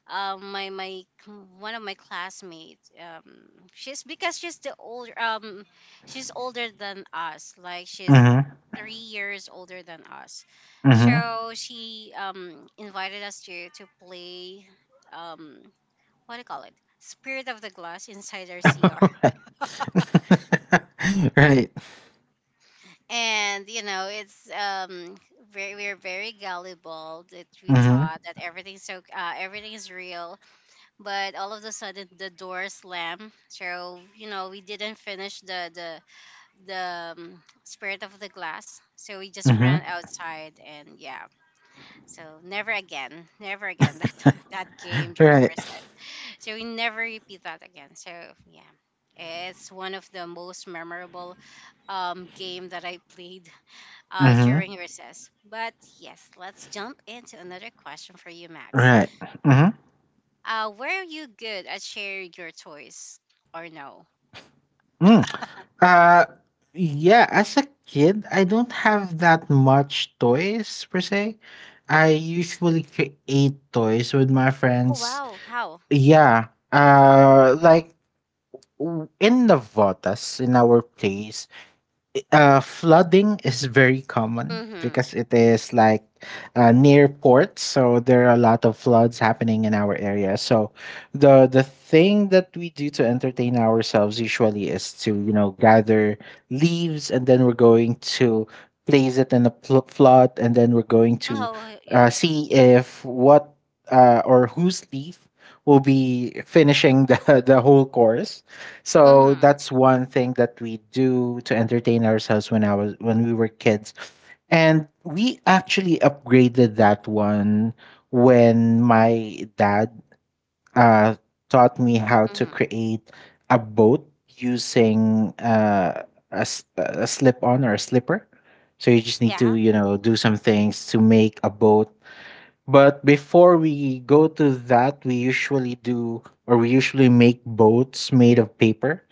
A: um my my c- One of my classmates, she's, because she's the older, she's older than us, like she's
B: Mm-hmm.
A: 3 years older than us.
B: Mm-hmm.
A: So she invited us to play, um what do you call it, spirit of the glass inside our cr.
B: *laughs* Right. *laughs* Right.
A: And you know, it's very, we're very gullible that we
B: Mm-hmm.
A: thought that everything's so everything's real. But all of a sudden the door slammed, so you know we didn't finish the spirit of the glass, so we just ran
B: Mm-hmm.
A: outside, and yeah, so never again. Never again that *laughs* that game during
B: Right.
A: recess. So we never repeat that again, so yeah, it's one of the most memorable game that I played,
B: Mm-hmm.
A: during recess. But yes, let's jump into another question for you, Max.
B: Right. Mm-hmm.
A: Were you good at sharing your toys or no?
B: Mm. Uh, yeah, as a kid, I don't have that much toys per se. I usually create toys with my
A: Oh,
B: friends.
A: wow. How?
B: Yeah. Like in Navotas, in our place, flooding is very common
A: Mm-hmm.
B: because it is like near ports, so there are a lot of floods happening in our area. So the thing that we do to entertain ourselves usually is to gather leaves, and then we're going to place it in a flood, and then we're going to
A: Oh, yeah.
B: see if what, or whose leaf will be finishing the *laughs* the whole course. So
A: Mm-hmm.
B: that's one thing that we do to entertain ourselves when I was when we were kids. And we actually upgraded that one when my dad uh, taught me how to
A: Mm-hmm.
B: create a boat using a slip on, or a slipper. So you just need to,
A: Yeah.
B: you know, do some things to make a boat. But before we go to that, we usually do or we usually make boats made of paper,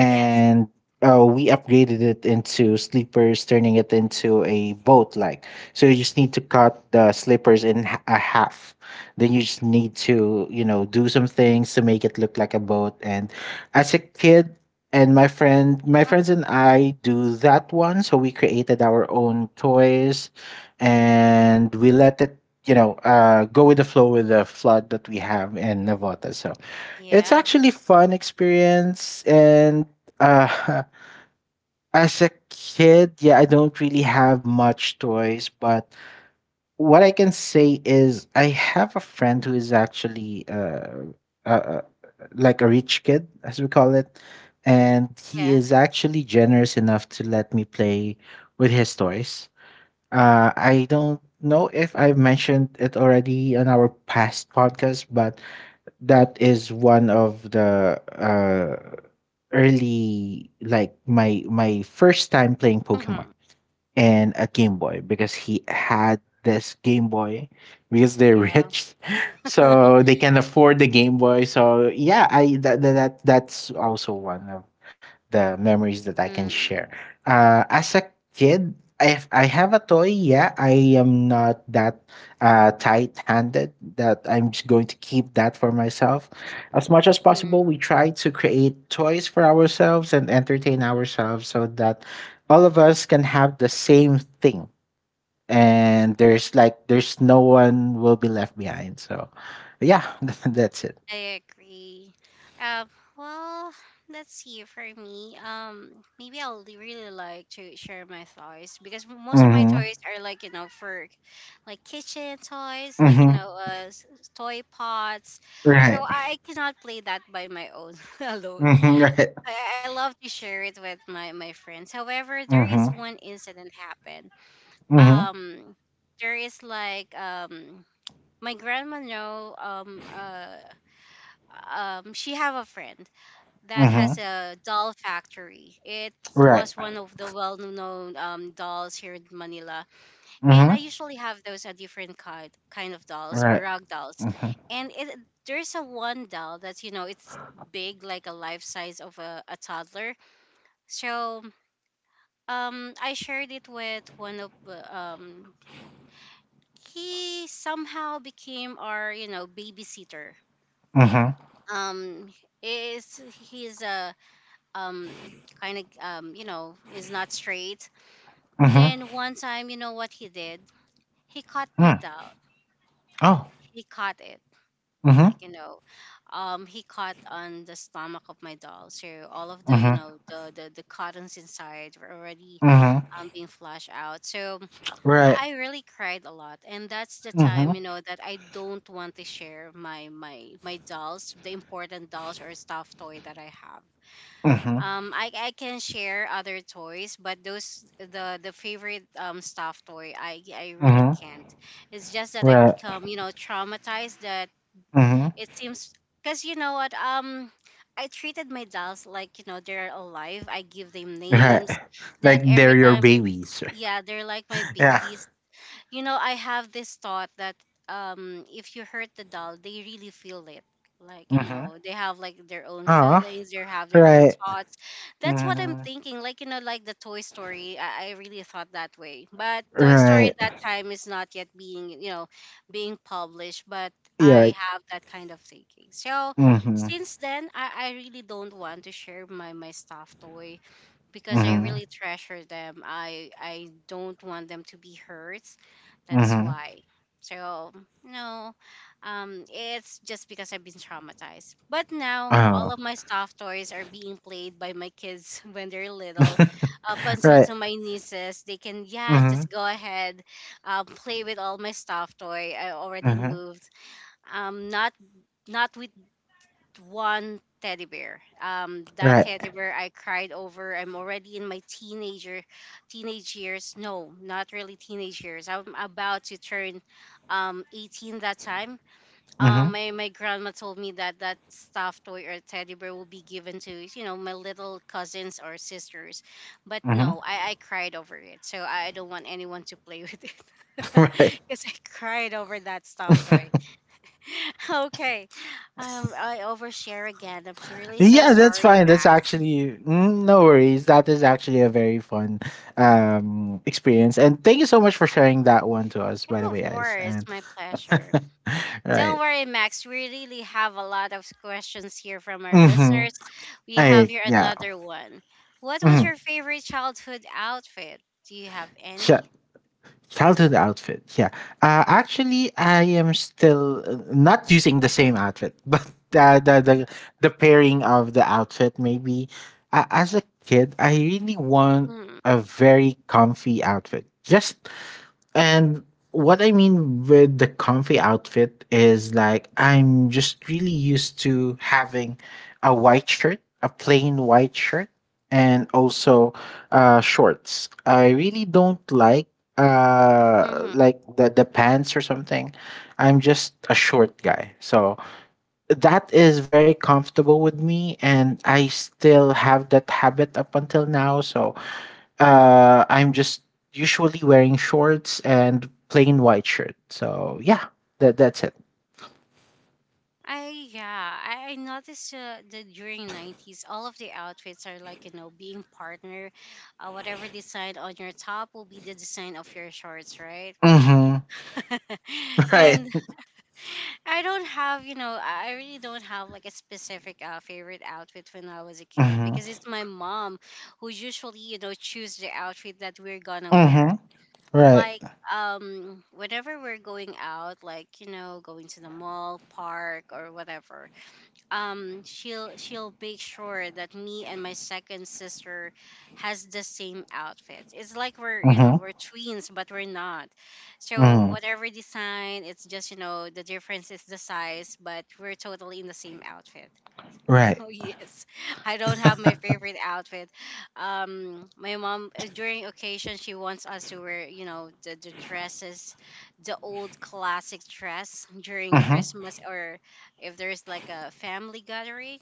A: Yes.
B: we upgraded it into sleepers, turning it into a boat like. So you just need to cut the slippers in a half. Then you just need to, you know, do some things to make it look like a boat. And as a kid, my friends and I do that one. So we created our own toys, and we let it, go with the flow with the flood that we have in Navota. So it's
A: Yeah.
B: actually fun experience. And uh *laughs* as a kid, yeah, I don't really have much toys, but what I can say is I have a friend who is actually uh, uh like a rich kid as we call it, and he
A: Yeah.
B: is actually generous enough to let me play with his toys. I don't know if I've mentioned it already on our past podcast, but that is one of the early, like my first time playing Pokemon
A: Mm-hmm.
B: and a Game Boy, because he had this Game Boy. Because they're
A: Yeah.
B: rich, *laughs* so
A: *laughs*
B: they can afford the Game Boy. So yeah, I that that that's also one of the memories that I can
A: Mm-hmm.
B: share. As a kid, if I have a toy, yeah, I am not that tight-handed that I'm just going to keep that for myself. As much as possible, we try to create toys for ourselves and entertain ourselves so that all of us can have the same thing, and there's like there's no one will be left behind. So yeah, *laughs* that's it.
A: I agree. Um, well, let's see. For me, maybe really like to share my toys because most of my
B: Mhm.
A: toys are like, you know, for like kitchen toys, like, you
B: Mhm.
A: know, toy pots. So
B: Right.
A: I cannot play that by my own *laughs* alone.
B: Mhm. Right.
A: I, I love to share it with my friends. However, there is
B: Mhm.
A: one incident happened.
B: Mhm.
A: Um, there is like. My grandma know she have a friend that has
B: Mhm.
A: a doll factory. It
B: Right.
A: was one of the well-known dolls here in Manila, and I
B: Mhm.
A: usually have those, a different kind of dolls or
B: Right.
A: rag dolls.
B: Mhm.
A: And it, there's a one doll that's, you know, it's big, like a life size of a toddler. So I shared it with one of, he somehow became our, you know, babysitter.
B: Mhm.
A: Um is He's a, um kind of, you know, is not straight.
B: Mhm.
A: Then one time, you know what he did, he caught my
B: Mm.
A: doll.
B: Oh.
A: He caught it,
B: Mhm.
A: like, you know, he caught on the stomach of my doll, so all of, the you
B: Mhm.
A: know, the cottons inside were already
B: Mhm.
A: being flushed out. So
B: Right.
A: I really cried a lot, and that's the time,
B: Mhm.
A: you know, that I don't want to share my dolls, the important dolls or stuffed toy that I have.
B: Mhm.
A: I can share other toys, but those, the favorite stuffed toy, I really
B: Mhm.
A: can't. It's just that I
B: Right.
A: become, you know, traumatized, that
B: Mhm.
A: it seems, because, you know what, I treated my dolls like, you know, they're alive. I give them
B: Right.
A: names,
B: Like
A: that
B: they're
A: every
B: your
A: time,
B: babies.
A: yeah, they're like my
B: *laughs* Yeah.
A: babies. You know, I have this thought that if you hurt the doll, they really feel it. Like, you
B: Mhm.
A: know, they have like their own
B: Ah.
A: feelings, they have their own
B: Right.
A: thoughts. That's what I'm
B: Mhm.
A: thinking, like, you know, like the Toy Story, I really thought that way. But Toy Story at
B: Right.
A: that time is not yet being, you know, being published. But
B: Yeah.
A: I have that kind of thinking. So
B: Mhm.
A: since then, I really don't want to share my my stuffed toy because I
B: Mhm.
A: really treasure them. I don't want them to be hurt. That's
B: Mhm.
A: why. So no, it's just because I've been traumatized. But now all
B: Oh.
A: of my stuffed toys are being played by my kids *laughs* when they're little, up
B: *laughs*
A: until
B: Right.
A: to my nieces. They can, yeah,
B: Mhm.
A: just go ahead, play with all my stuffed toy. I already
B: Mhm.
A: moved. Not not with one teddy bear. That
B: Right.
A: teddy bear I cried over. I'm already in my teenager, teenage years. No, not really teenage years. I'm about to turn, 18 that time.
B: Mhm.
A: My grandma told me that that stuffed toy or teddy bear will be given to, you know, my little cousins or sisters. But
B: Mhm.
A: no, I cried over it. So I don't want anyone to play with it
B: *laughs*
A: *laughs*
B: Right.
A: because I cried over that stuffed toy.
B: *laughs*
A: *laughs* Okay. I overshare again. I'm really so
B: Yeah, that's
A: sorry,
B: fine. That's
A: Max.
B: actually, no worries. That is actually a very fun experience. And thank you so much for sharing that one to us,
A: Yeah,
B: by the way,
A: of
B: guys.
A: course.
B: And
A: My pleasure.
B: *laughs* right.
A: Don't worry, Max. We really have a lot of questions here from our
B: Mhm.
A: listeners. We have
B: Like,
A: here
B: yeah.
A: another one. What was
B: Mhm.
A: your favorite childhood outfit? Do you have
B: Sure.
A: any?
B: Childhood outfit. Yeah. Actually, I am still not using the same outfit, *laughs* but the the the, the pairing of the outfit maybe. As a kid, I really
A: Mm,
B: want a very comfy outfit. Just and what I mean with the comfy outfit is like I'm just really used to having a white shirt, a plain white shirt, and also shorts. I really don't
A: Mm-hmm.
B: like the pants or something. I'm just a short guy, so that is very comfortable with me, and I still have that habit up until now. So I'm just usually wearing shorts and plain white shirt. So yeah, that's it.
A: I, yeah, I noticed that during nineties, all of the outfits are like, you know, being partner, whatever design on your top will be the design of your shorts, right?
B: Mm-hmm.
A: *laughs*
B: *laughs* Right.
A: And I don't have, you know, I really don't have like a specific favorite outfit when I was a kid,
B: Mm-hmm.
A: because it's my mom who usually, you know, choose the outfit that we're gonna wear.
B: Mm-hmm. Right.
A: Like, whenever we're going out, like, you know, going to the mall, park, or whatever, she'll make sure that me and my second sister has the same outfit. It's like we're, you know,
B: Mm-hmm.
A: we're twins, but we're not. So
B: Mm-hmm.
A: whatever design, it's just, you know, the difference is the size, but we're totally in the same outfit. *laughs*
B: Right.
A: So yes, I don't have my favorite outfit. My mom, during occasion, she wants us to wear, you know, the dresses, the old classic dress *laughs* during
B: Mm-hmm.
A: Christmas, or if there's like a family gathering.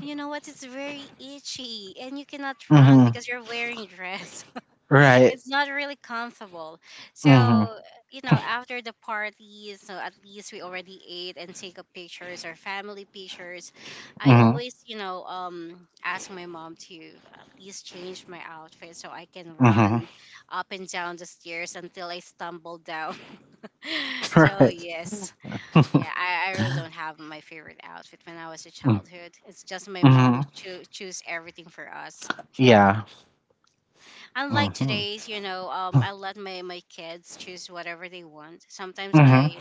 A: And you know what? It's very itchy, and you cannot run
B: Mm-hmm.
A: because you're wearing dress.
B: Right.
A: It's not really comfortable. So,
B: Mm-hmm.
A: you know, after the party, so at least we already ate and take up pictures or family pictures. I
B: Mm-hmm.
A: always, you know, ask my mom to at least change my outfit so I can
B: Mm-hmm.
A: run up and down the stairs until I stumble down. *laughs*
B: *laughs*
A: So
B: Right.
A: yes, yeah,
B: *laughs*
A: I really don't have my favorite outfit when I was a childhood. It's just my mom who
B: Mm-hmm.
A: choose everything for us. *laughs* Yeah.
B: Yeah.
A: Unlike
B: Mm-hmm.
A: today's, you know, I let my kids choose whatever they want. Sometimes
B: Mm-hmm.
A: I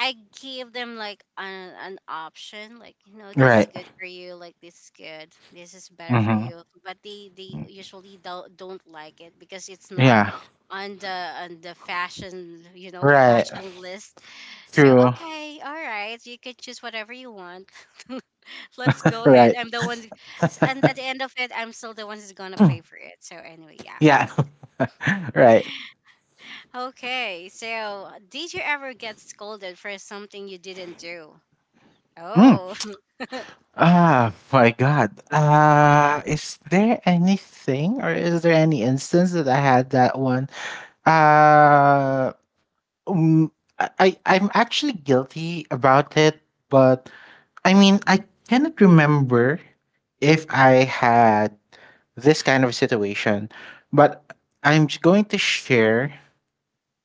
A: I give them like an option, like, you know, this is
B: Right.
A: good for you, like this is good, this is better for
B: Mm-hmm.
A: you. But they usually don't like it because it's not
B: Yeah.
A: on the on the fashion, you know, *laughs*
B: Right.
A: fashion list. So
B: True. *laughs*
A: okay, all right, you can choose whatever you want. *laughs* Let's go ahead.
B: Right.
A: I'm the one, and at the end of it, I'm still the one who's gonna pay
B: Mm.
A: for it. So anyway, yeah.
B: Yeah. *laughs* Right.
A: Okay, so did you ever get scolded for something you didn't do?
B: Mm.
A: Oh,
B: Ah, my God. Is there anything, or is there any instance that I had that one? Uh, mm, I'm actually guilty about it, but I mean, I cannot remember if I had this kind of situation, but I'm going to share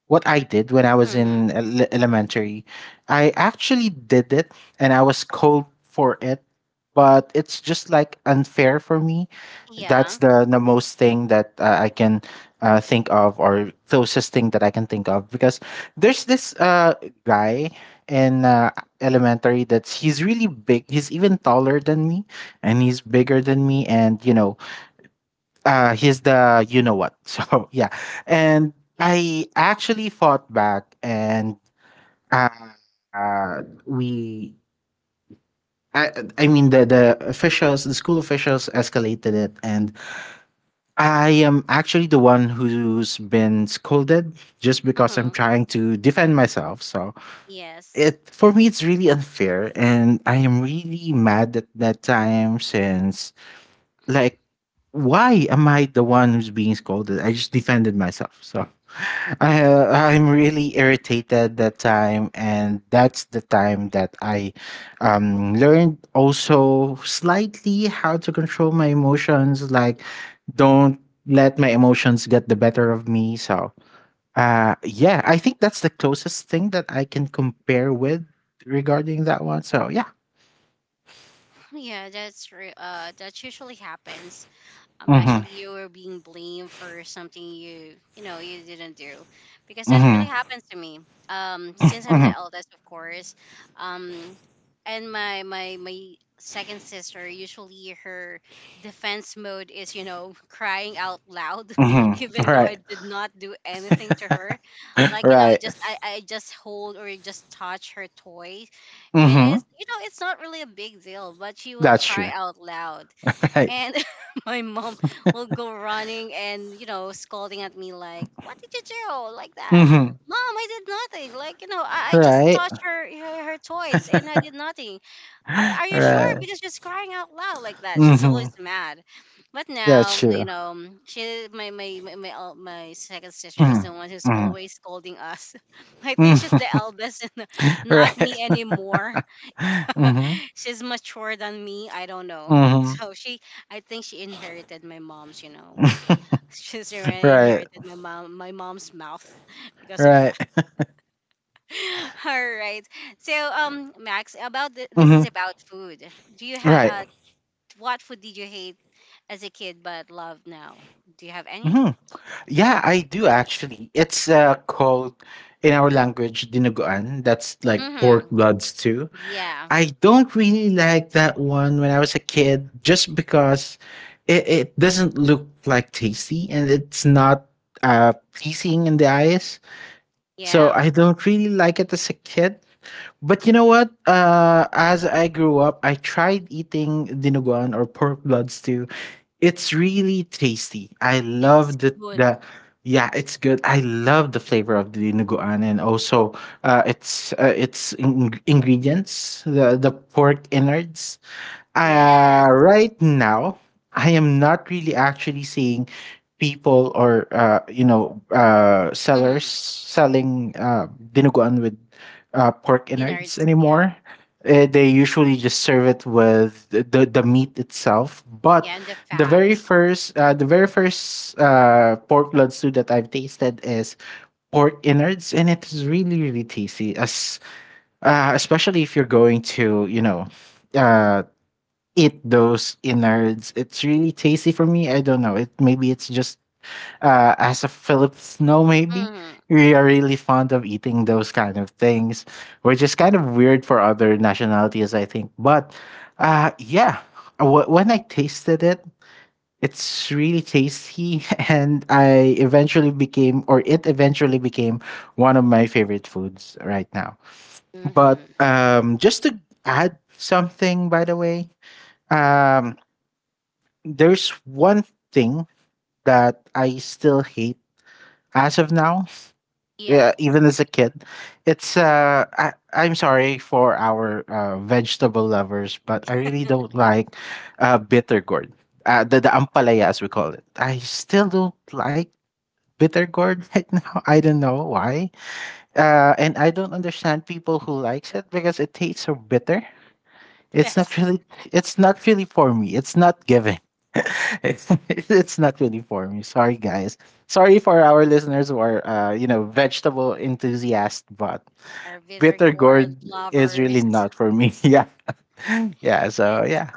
B: what I did when I
A: *laughs*
B: was
A: hmm
B: in elementary. I actually did it and I was cold for it, but it's just like unfair for me. That's
A: yeah,
B: the most thing that I can think of, or closest thing that I can think of, because there's this guy in elementary that's he's really big. He's even taller than me, and he's bigger than me, and you know, he's the you know what. *laughs* So yeah, and
A: yes,
B: I actually fought back, and uh, we. I, I mean the officials, the school officials escalated it, and I am actually the one who's been scolded just because I'm
A: hmm
B: trying to defend myself. So,
A: yes,
B: it for me it's really unfair, and I am really mad at that time, since like, why am I the one who's being scolded? I just defended myself. So I'm really irritated that time, and that's the time that I learned also slightly how to control my emotions, like don't let my emotions get the better of me. So yeah, I think that's the closest thing that I can compare with regarding that one. So yeah.
A: *laughs* yeah. That usually happens.
B: Mhm.
A: Actually, you were being blamed for something you, you know, you didn't do, because that really
B: Mhm.
A: happened to me. Since I'm the
B: Mhm.
A: eldest, of course, um and my second sister, usually her defense mode is, you know, *laughs* crying out loud, *laughs*
B: Mhm.
A: even
B: All
A: though I
B: right.
A: did not do anything to her. Like,
B: All
A: you know,
B: right.
A: just I just hold or just touch her toy, and
B: Mm-hmm.
A: it's, you know, it's not really a big deal, but she will
B: That's
A: cry
B: true.
A: out loud.
B: *laughs* Right.
A: And *laughs* my mom will go running and, you know, scolding at me like, what did you do like that?
B: Mm-hmm.
A: Mom, I did nothing. Like, you know, I just
B: Right.
A: touched her, her toys, and I did nothing. Are you sure,
B: Right.
A: because she's crying out loud like that, she's always
B: Mm-hmm.
A: mad. But now,
B: That's true.
A: you know, she, my second sister is
B: Mm-hmm.
A: the one who's
B: Mm-hmm.
A: always scolding us. *laughs* I think she's the
B: Mm-hmm.
A: eldest, and
B: *laughs*
A: not
B: Right.
A: me anymore. *laughs*
B: Mm-hmm.
A: She's mature than me. I don't know.
B: Mm-hmm.
A: *laughs* So she, I think she inherited my mom's, you know, *laughs* she's
B: *laughs*
A: already
B: Right.
A: inherited my mom, my mom's mouth *laughs* because of
B: Right.
A: that. *laughs* All right. So, Max, about this
B: Mm-hmm.
A: is about food. Do you have
B: Right.
A: what food did you hate as a kid but love now? Do you have any?
B: Mm-hmm. Yeah, I do actually. It's called in our language dinuguan. That's like
A: Mm-hmm.
B: pork bloods too.
A: Yeah.
B: I don't really like that one when I was a kid, just because it doesn't look like tasty, and it's not pleasing in the eyes. So
A: Yeah.
B: I don't really like it as a kid. But you know what? As I grew up, I tried eating dinuguan or pork blood stew. It's really tasty. I
A: It's
B: love
A: good.
B: the yeah, it's good. I love the flavor of the dinuguan, and also ingredients, the pork innards.
A: Yes.
B: Right now, I am not really actually seeing people, or
A: Mm-hmm.
B: sellers selling dinuguan with pork innards
A: Innards. Yeah.
B: anymore. They usually just serve it with the meat itself. But
A: Yeah, and the
B: the
A: fat.
B: very first uh, the very first uh, pork blood stew that I've tasted is pork innards, and it is really really tasty. As especially if you're going to, uh eat those innards. It's really tasty for me. I don't know. It maybe it's just as a Filipino, maybe
A: Mm-hmm.
B: we are really fond of eating those kind of things, which is kind of weird for other nationalities, I think. But yeah, when I tasted it, it's really tasty, *laughs* and I eventually became, or it eventually became, one of my favorite foods right now. But
A: Mm-hmm.
B: just to add something, by the way, um, there's one thing that I still hate as of now.
A: Yeah,
B: Yeah, even as a kid, I'm sorry for our vegetable lovers, but I really don't like bitter gourd, the ampalaya as we call it. I still don't like bitter gourd *laughs* right now. I don't know why, and I don't understand people who likes it because it tastes so bitter. It's not
A: yes.
B: really it's not really for me. It's not giving. *laughs* It's not really for me. Sorry guys. Sorry for our listeners who are vegetable enthusiasts, but
A: Our bitter
B: bitter
A: gourd
B: gourd is really
A: lovers.
B: not for me. *laughs* yeah. Yeah, so
A: And
B: yeah.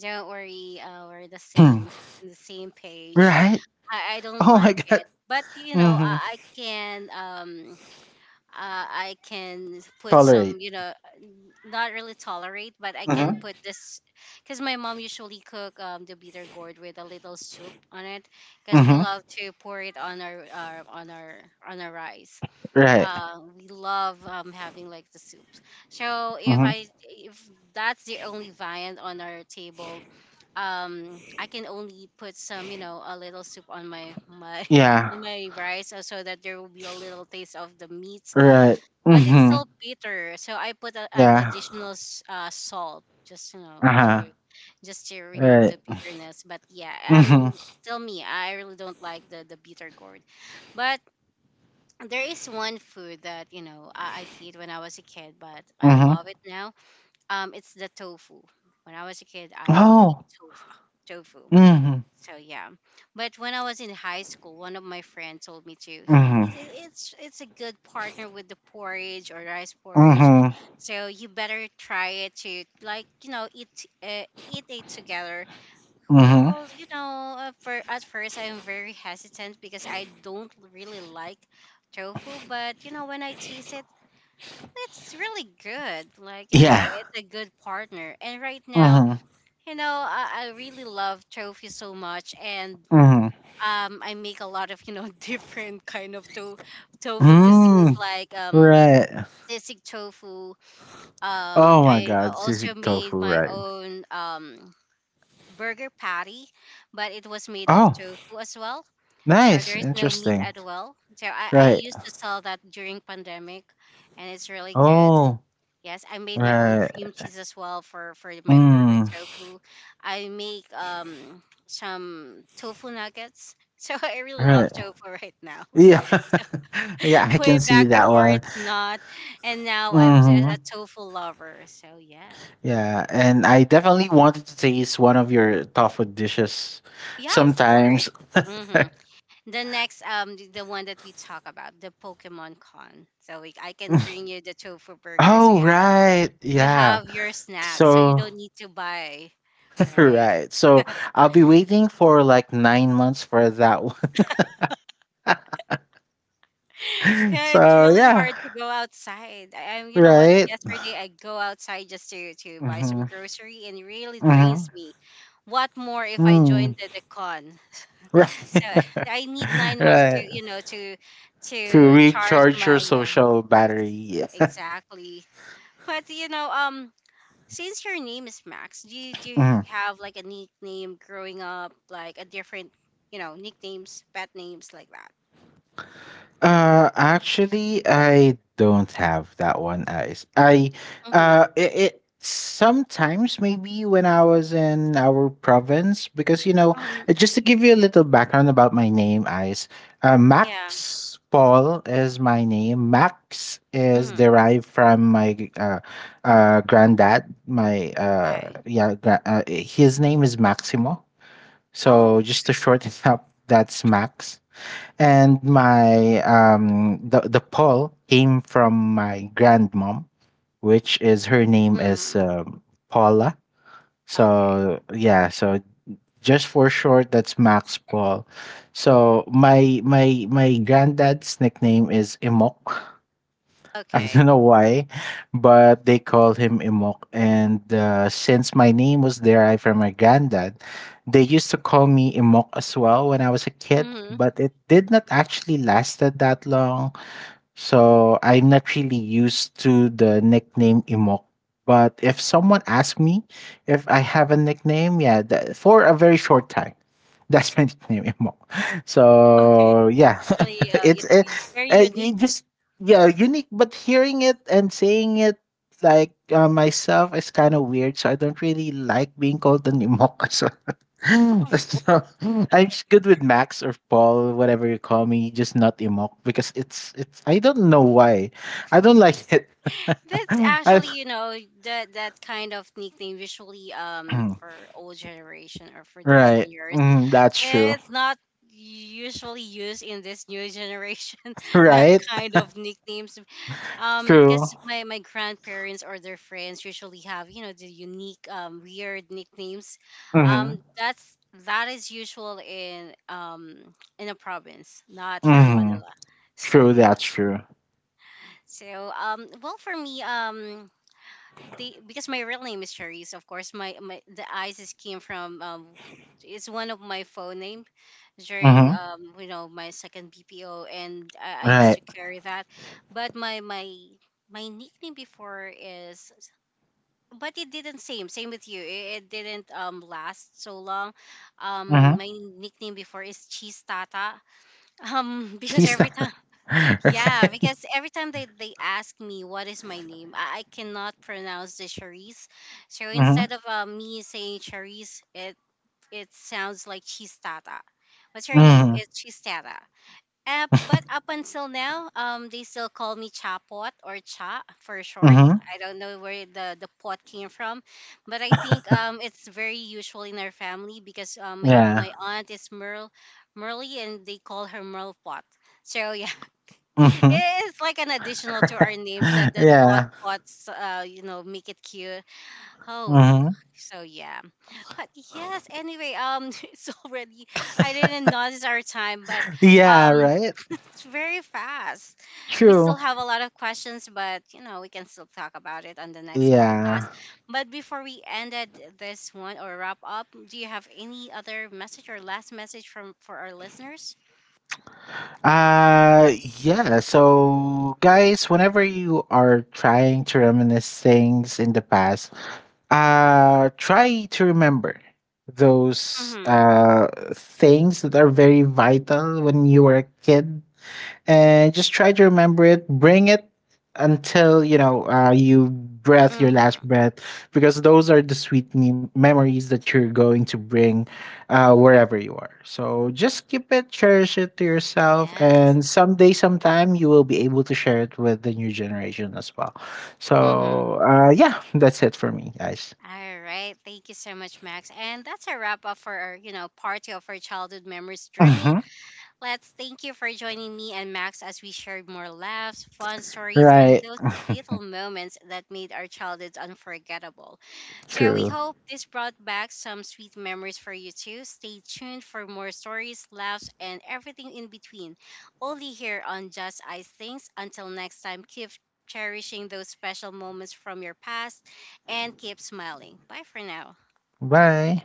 A: don't worry, we're the same
B: *clears throat*
A: *laughs* on the same page.
B: right.
A: I don't
B: Oh my
A: like
B: god.
A: it, but you know,
B: Mhm.
A: I can put some,
B: Tolerate.
A: you know, not really tolerate, but I can
B: Mhm.
A: put this because my mom usually cook the bitter gourd with a little soup on it, because we
B: Mhm.
A: love to pour it on our on our on our rice.
B: Right.
A: We love, having like the soups. So if
B: Mhm.
A: I if that's the only viand on our table, I can only put some a little soup on my *laughs*
B: Yeah.
A: on my rice so that there will be a little taste of the meats,
B: Right.
A: but it's
B: Mhm.
A: still bitter. So I put a, an
B: Yeah.
A: additional salt just to
B: Uh-huh.
A: just to remove
B: Right.
A: the bitterness. But yeah, um,
B: Mhm.
A: still me, I really don't like the bitter gourd. But there is one food that I hate when I was a kid, but I
B: Mhm.
A: love it now. It's the tofu. When I was a kid, I don't eat
B: Oh.
A: tofu. Tofu.
B: Mhm.
A: So yeah, but when I was in high school, one of my friends told me to. Yeah,
B: Mhm.
A: it's it's a good partner with the porridge or rice porridge,
B: Mhm,
A: so you better try it to like eat eat it together
B: mhm.
A: well, you know, for at first I'm very hesitant because I don't really like tofu, but you know, when I taste it, it's really good. Like, you know,
B: Yeah.
A: it's a good partner. And right now,
B: Mhm,
A: you know, I really love tofu so much and
B: mhm.
A: I make a lot of, you know, *laughs* different kind of tofu cuisines
B: Mm,
A: like
B: right.
A: sisig tofu.
B: Oh my
A: I
B: god, sisig
A: also
B: tofu,
A: made my
B: right.
A: own burger patty, but it was made of
B: Oh,
A: tofu as well. So there
B: nice,
A: is no meat
B: interesting.
A: as well. So I
B: Right.
A: used to sell that during pandemic, and it's really good.
B: Oh,
A: Yes, I made my own
B: right.
A: cream cheese as well for my burger
B: Mm,
A: tofu. I make some tofu nuggets. *laughs* So I really love
B: right.
A: tofu right now.
B: Yeah.
A: *laughs* So
B: *laughs* Yeah, I
A: way
B: can see
A: back
B: that
A: before
B: one.
A: it's not, and now I'm a
B: Mhm.
A: tofu lover. So yeah,
B: Yeah, and I definitely wanted to taste one of your tofu dishes
A: yeah, of course.
B: sometimes.
A: Hmm. The next, the one that we talk about, the Pokemon Con. So I can
B: *laughs*
A: bring you the tofu burger. So
B: Oh, right.
A: you
B: Yeah.
A: have your snacks. So you
B: So
A: don't need to buy, right?
B: Right. So I'll be waiting for like 9 months for that one. *laughs*
A: *laughs* Cause it's
B: So
A: really
B: yeah.
A: hard to go outside. You know what?
B: Right.
A: Yesterday I go outside just to buy some
B: Mm-hmm.
A: grocery, and it really
B: Mm-hmm.
A: drains me. What more if I join
B: Mm.
A: the con?
B: *laughs* Right.
A: *laughs* So I need
B: *laughs*
A: 9 months to
B: right.
A: to
B: To
A: charge
B: recharge your
A: my yeah,
B: social
A: yes
B: battery. *laughs*
A: exactly. But you know Since your name is Max, do you
B: Mhm.
A: have like a nickname growing up, like a different, you know, nicknames, pet names like that?
B: Actually, I don't have that one. I, s- I,
A: Mm-hmm.
B: it, it sometimes maybe when I was in our province, because you know,
A: Um,
B: just to give you a little background about my name, Ice,
A: yeah.
B: Max Paul is my name. Max is
A: Mm-hmm.
B: derived from my granddad.
A: Okay.
B: His name is Maximo. So
A: Oh.
B: just to shorten *laughs* up, that's Max. And my the Paul came from my grandmom, which is her name is
A: Mm-hmm.
B: Paula.
A: Okay.
B: So yeah, so just for short, that's Max Paul. So my granddad's nickname is Imok. *laughs* I
A: Okay.
B: don't know why, but they called him Imok. And since my name was derived from my granddad, they used to call me Imok as well when I was a kid,
A: Mm-hmm.
B: but it did not actually lasted that long. So I'm not really used to the nickname Imok. But if someone asks me if I have a nickname, yeah, that, for a very short time, *laughs* that's my nickname Imok. *laughs*
A: Okay.
B: So yeah,
A: Really,
B: *laughs*
A: you
B: it's
A: know, very unique.
B: you just yeah unique. But hearing it and saying it like, myself, is kind of weird. So I don't really like being called an Imok. *laughs* So *gasps* *laughs*
A: *laughs*
B: so, I'm just good with Max or Paul, whatever you call me, just not Imok because it's I don't know why. I don't like it.
A: That's
B: *laughs* I
A: actually, you know, that kind of nickname usually
B: *clears throat*
A: for old generation or for the
B: right.
A: seniors.
B: Mm, that's true.
A: It's
B: *laughs*
A: not usually used in this new generation, *laughs* that
B: Right?
A: kind of nicknames.
B: True.
A: Because my grandparents or their friends usually have, you know, the unique, weird nicknames.
B: Mhm.
A: That's that is usual in a province, not here in
B: Mhm.
A: Manila. *laughs* So
B: True,
A: yeah.
B: that's true.
A: So well for me. The, because my real name is Charisse, of course, my the Isis came from it's one of my phone name during
B: Mhm.
A: you know my second BPO and I used
B: Right.
A: to carry that but my nickname before is but it didn't same with you it didn't last so long
B: Mhm.
A: my nickname before is cheese tata *laughs* because
B: She's the
A: every time
B: *laughs*
A: *laughs* yeah
B: right.
A: because every time they ask me what is my name I cannot pronounce the Charisse so instead
B: Mhm.
A: of me saying Charisse it it sounds like cheese tata. What's your name?
B: Mhm.
A: It's Cheese Tata. But up until now, they still call me Chapot or Cha for short.
B: Mhm.
A: I don't know where the pot came from, but I think it's very usual in our family because
B: Yeah.
A: my aunt is Merle, Merly, and they call her Merle Pot. So yeah, *laughs*
B: Mhm.
A: it's like an additional to our names that
B: *laughs*
A: the pot
B: Yeah.
A: pots, you know, make it cute. Oh,
B: Mhm.
A: so yeah, but yes. Anyway, *laughs* it's already I didn't notice our time, but
B: Yeah,
A: um.
B: right?
A: It's very fast. We still
B: True.
A: have a lot of questions, but you know, we can still talk about it on the next podcast.
B: Yeah.
A: But before we ended this one or wrap up, do you have any other message or last message from for our listeners?
B: Uh yeah, so guys, whenever you are trying to reminisce things in the past, try to remember those
A: Mm-hmm.
B: things that are very vital when you were a kid, and just try to remember it. Bring it until you breath your
A: Mm-hmm.
B: last breath, because those are the sweet memories that you're going to bring wherever you are. So just keep it, cherish it to yourself,
A: Yes.
B: and someday, sometime, you will be able to share it with the new generation as well.
A: Mm-hmm.
B: So yeah, that's it for me, guys.
A: All right. Thank you so much, Max. And that's a wrap up for our, you know, part two of our childhood memories journey.
B: Hmm.
A: Let's thank you for joining me and Max as we shared more laughs, fun stories, and
B: Right.
A: those little moments that made our childhoods unforgettable. So yeah, we
B: True.
A: hope this brought back some sweet memories for you too. Stay tuned for more stories, laughs, and everything in between. Only here on Just Ice Things. Until next time, keep cherishing those special moments from your past and keep smiling. Bye for now.
B: Bye.